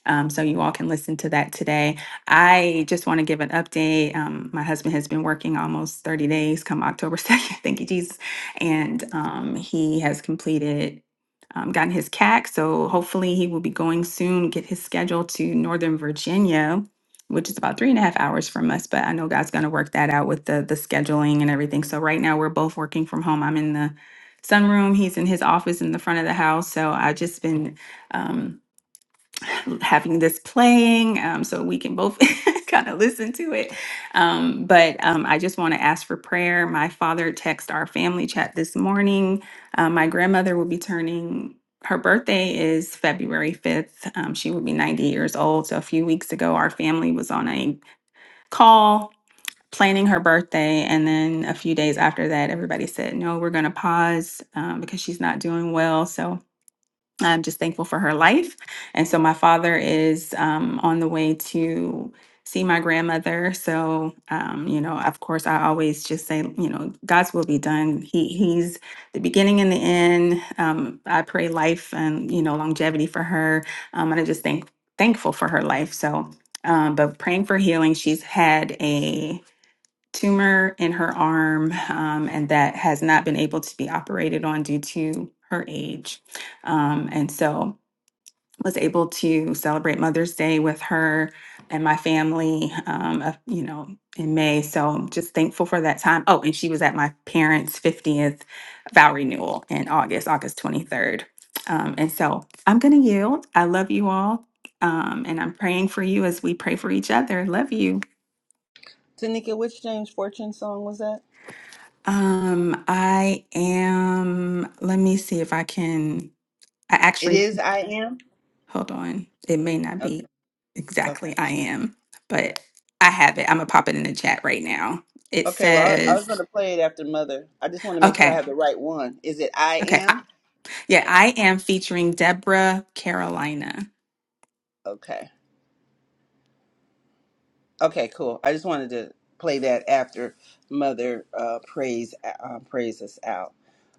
D: um, so you all can listen to that today. I just want to give an update. Um, my husband has been working almost 30 days come October 2nd. Thank you, Jesus. And um, he has completed, um, gotten his CAC. So hopefully he will be going soon, get his schedule to Northern Virginia, which is about three and a half hours from us. But I know God's going to work that out with the, the scheduling and everything. So right now we're both working from home. I'm in the sunroom. He's in his office in the front of the house. So I've just been. Um, having this playing um, so we can both kind of listen to it. Um, but um, I just want to ask for prayer. My father texted our family chat this morning. Uh, my grandmother will be turning. Her birthday is February 5th. Um, she will be 90 years old. So, a few weeks ago, our family was on a call planning her birthday. And then a few days after that, everybody said, No, we're going to pause um, because she's not doing well. So, I'm just thankful for her life. And so my father is um, on the way to see my grandmother. So, um, you know, of course, I always just say, you know, God's will be done. He He's the beginning and the end. Um, I pray life and you know longevity for her. Um, and I just thank thankful for her life. So, um, but praying for healing. She's had a tumor in her arm, um, and that has not been able to be operated on due to her age. Um, and so was able to celebrate Mother's Day with her and my family, um, uh, you know, in May. So I'm just thankful for that time. Oh, and she was at my parents' 50th vow renewal in August, August 23rd. Um, and so I'm going to yield. I love you all. Um, and I'm praying for you as we pray for each other. Love you.
A: Tanika, which James Fortune song was that?
D: Um, I am, let me see if I can, I
A: It
D: actually,
A: is I am.
D: hold on. It may not
A: Okay.
D: be
A: Okay.
D: exactly I am, but I have it. I'm gonna pop it in the chat right now. It
A: Okay. Well, I, I was
D: says,
A: gonna play it after Mother. I just want to make sure I
D: okay,
A: have the right one. Is it I
D: okay. I,
A: am?
D: yeah, I am featuring Deborah Carolina.
A: Okay. Okay, cool. I just wanted to play that after Mother uh, prays uh, prays us out.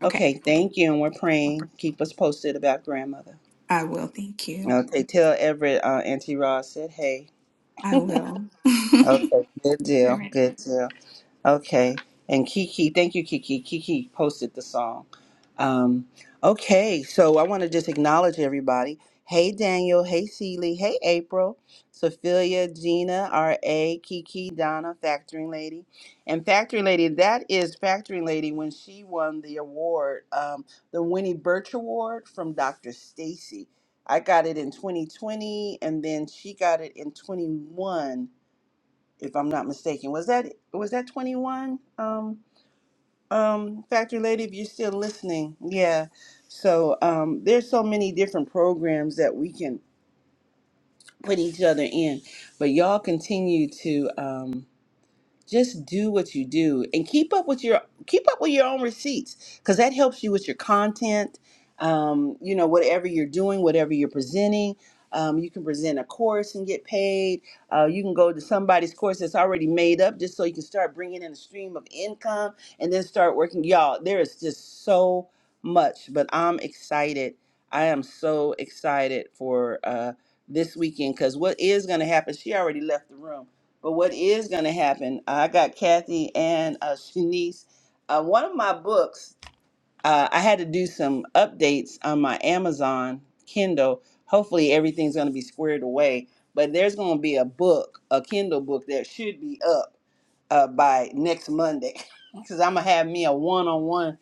D: Okay.
A: Okay, thank you, and we're praying. Keep us posted about grandmother.
D: I will. Thank you.
A: Okay, tell Everett uh, Auntie Ross said hey.
D: I will.
A: Okay, good deal, good deal. Okay. And Kiki, thank you, Kiki. Kiki posted the song. Um, okay, so I want to just acknowledge everybody. Hey, Daniel. Hey, Seeley. Hey, April. Sophia, Gina, R.A., Kiki, Donna, Factoring Lady. And Factoring Lady, that is Factoring Lady when she won the award, um, the Winnie Birch Award from Dr. Stacy. I got it in 2020, and then she got it in 21 if I'm not mistaken. Was that was that 21? Um, um, Factory Lady, if you're still listening, yeah. So um, there's so many different programs that we can put each other in, but y'all continue to. Um, just do what you do and keep up with your keep up with your own receipts because that helps you with your content um, you know whatever you're doing whatever you're presenting um, you can present a course and get paid uh, you can go to somebody's course that's already made up just so you can start bringing in a stream of income and then start working y'all there is just so much but i'm excited i am so excited for uh, this weekend because what is going to happen she already left the room but what is going to happen? I got Kathy and uh, Shanice. Uh, one of my books, uh, I had to do some updates on my Amazon Kindle. Hopefully, everything's going to be squared away. But there's going to be a book, a Kindle book that should be up uh, by next Monday, because I'm gonna have me a one-on-one,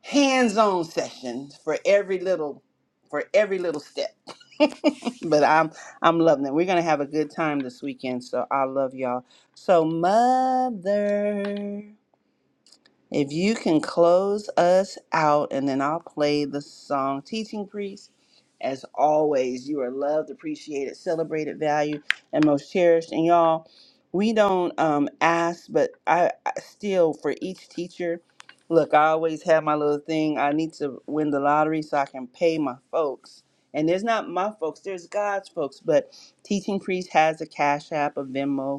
A: hands-on session for every little, for every little step but I'm I'm loving it. We're gonna have a good time this weekend, so I love y'all. So mother. If you can close us out, and then I'll play the song Teaching Priest. As always, you are loved, appreciated, celebrated, valued, and most cherished. And y'all, we don't um, ask, but I, I still, for each teacher, look, I always have my little thing. I need to win the lottery so I can pay my folks. And there's not my folks, there's God's folks. But Teaching Priest has a Cash App, a Venmo,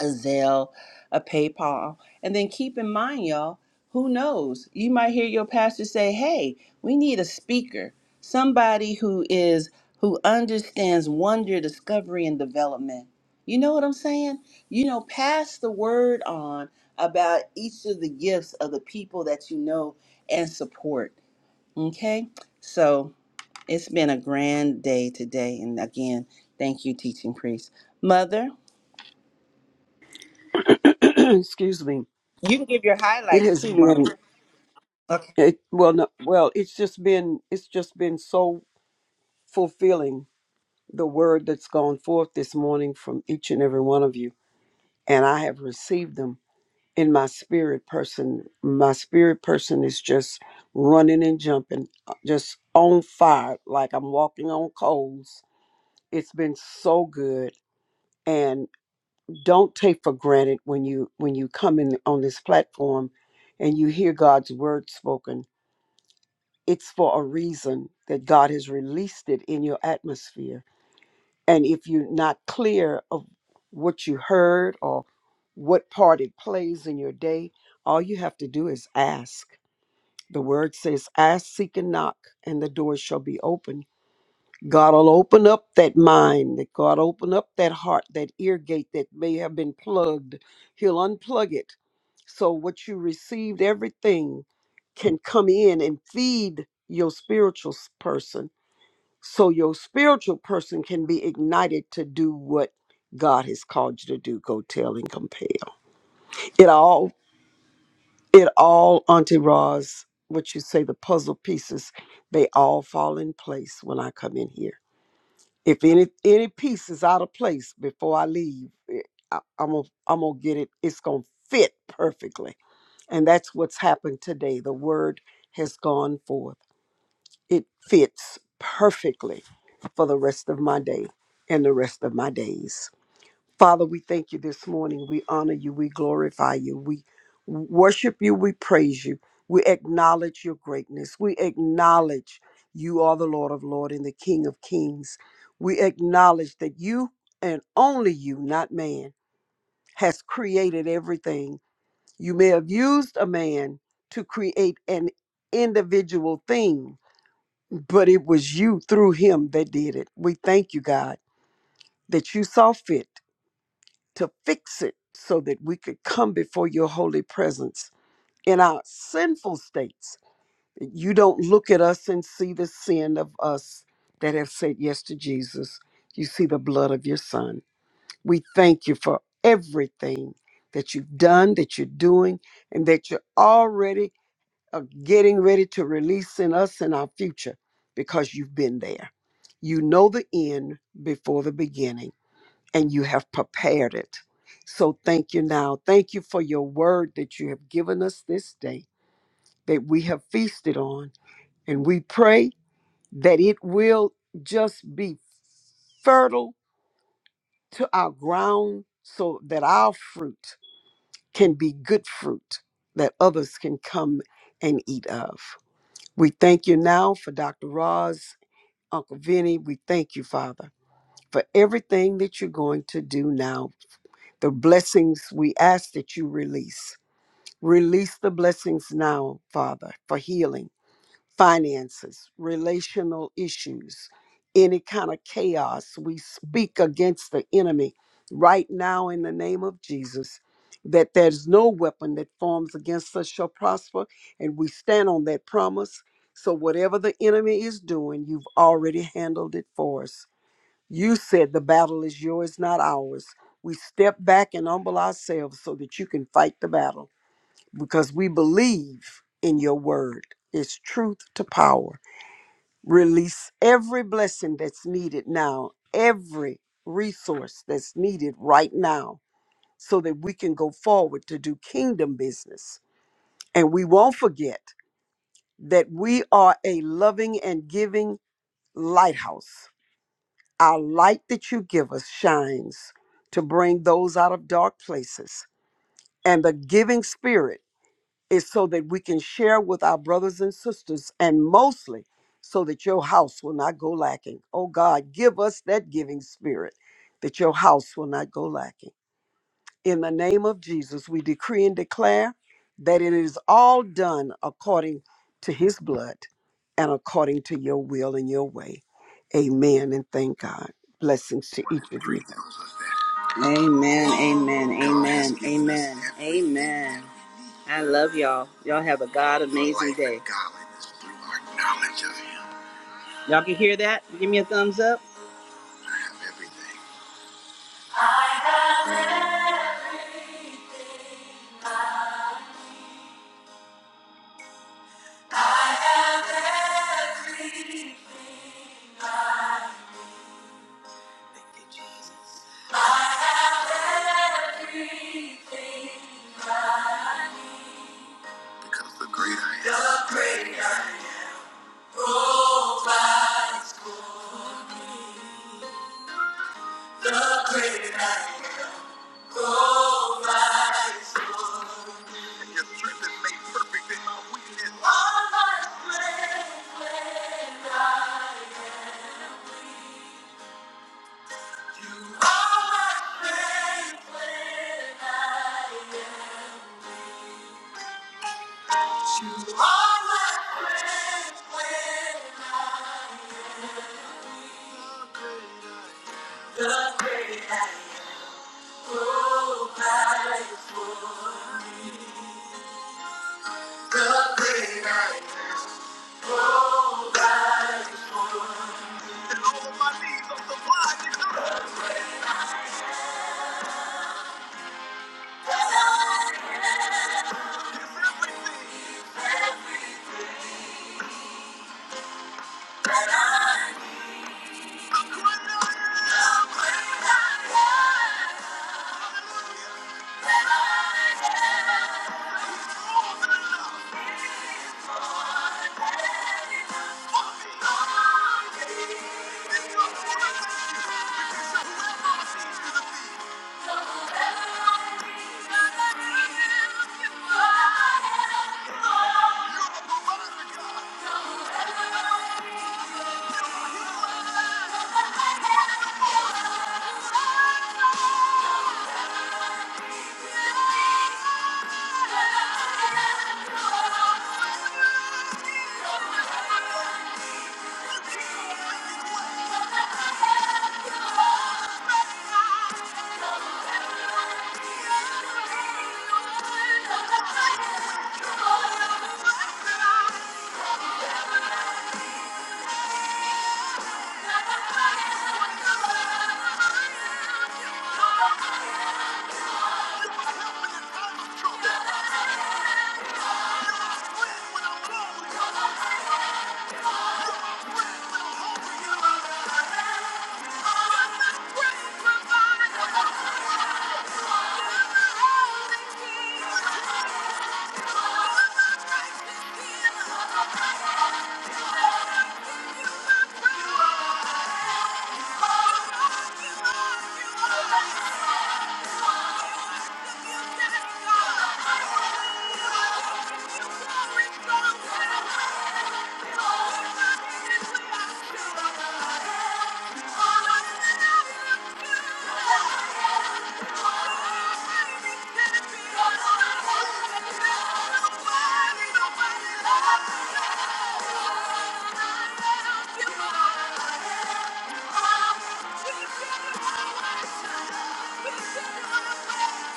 A: a Zelle, a PayPal. And then keep in mind, y'all, who knows? You might hear your pastor say, hey, we need a speaker, somebody who is who understands wonder, discovery, and development. You know what I'm saying? You know, pass the word on about each of the gifts of the people that you know and support. Okay? So it's been a grand day today. And again, thank you, teaching priest. Mother.
E: Excuse me.
A: You can give your
E: It
A: highlights
E: has
A: too,
E: been.
A: mommy.
E: It, well, no, well, it's just been it's just been so fulfilling the word that's gone forth this morning from each and every one of you, and I have received them in my spirit person. My spirit person is just running and jumping, uh, just on fire, like I'm walking on coals. It's been so good, and don't take for granted when you when you come in on this platform and you hear God's word spoken it's for a reason that God has released it in your atmosphere. And if you're not clear of what you heard or what part it plays in your day, all you have to do is ask. The word says, Ask, seek, and knock, and the door shall be opened God will open up that mind, that God open up that heart, that ear gate that may have been plugged. He'll unplug it. So what you received, everything can come in and feed your spiritual s- person. So your spiritual person can be ignited to do what God has called you to do. Go tell and compel. It all, it all, Auntie Roz, what you say, the puzzle pieces, they all fall in place when I come in here if any any piece is out of place before I leave, it- I, I'm gonna I'm gonna get it. It's gonna fit perfectly, and that's what's happened today. The word has gone forth. It fits perfectly for the rest of my day and the rest of my days. Father, we thank you this morning. We honor you. We glorify you. We worship you. We praise you. We acknowledge your greatness. We acknowledge you are the Lord of Lords and the King of Kings. We acknowledge that you and only you, not man, has created everything. You may have used a man to create an individual thing, but it was you through him that did it. We thank you, God, that you saw fit to fix it so that we could come before your holy presence in our sinful states. You don't look at us and see the sin of us that have said yes to Jesus. You see the blood of your son. We thank you for everything that you've done, that you're doing, and that you're already uh, getting ready to release in us in our future because you've been there. You know the end before the beginning and you have prepared it. So thank you now. Thank you for your word that you have given us this day that we have feasted on. And we pray that it will just be fertile to our ground so that our fruit can be good fruit that others can come and eat of. We thank you now for Dr. Roz, Uncle Vinny. We thank you, Father, for everything that you're going to do now the blessings we ask that you release. Release the blessings now, Father, for healing, finances, relational issues, any kind of chaos. We speak against the enemy right now in the name of Jesus. That there's no weapon that forms against us shall prosper, and we stand on that promise. So, whatever the enemy is doing, you've already handled it for us. You said the battle is yours, not ours. We step back and humble ourselves so that you can fight the battle because we believe in your word. It's truth to power. Release every blessing that's needed now, every resource that's needed right now, so that we can go forward to do kingdom business. And we won't forget that we are a loving and giving lighthouse Our light that you give us shines to bring those out of dark places. And the giving spirit is so that we can share with our brothers and sisters, and mostly so that your house will not go lacking. Oh God, give us that giving spirit that your house will not go lacking. In the name of Jesus, we decree and declare that it is all done according to his blood and according to your will and your way. Amen and thank God. Blessings to each of you.
A: Amen, amen, amen, amen, amen. I love y'all. Y'all have a God amazing day. Y'all can hear that? Give me a thumbs up. Provides for me. the great I. night. Provides for me. all my strength when I am weak. You are my strength when I am. You are my strength when I am. The great night. Thank you. Thank you. Thank you. Thank you. We're Thank you.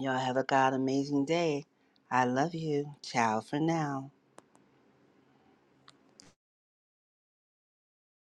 A: Y'all have a God amazing day. I love you. Ciao for now.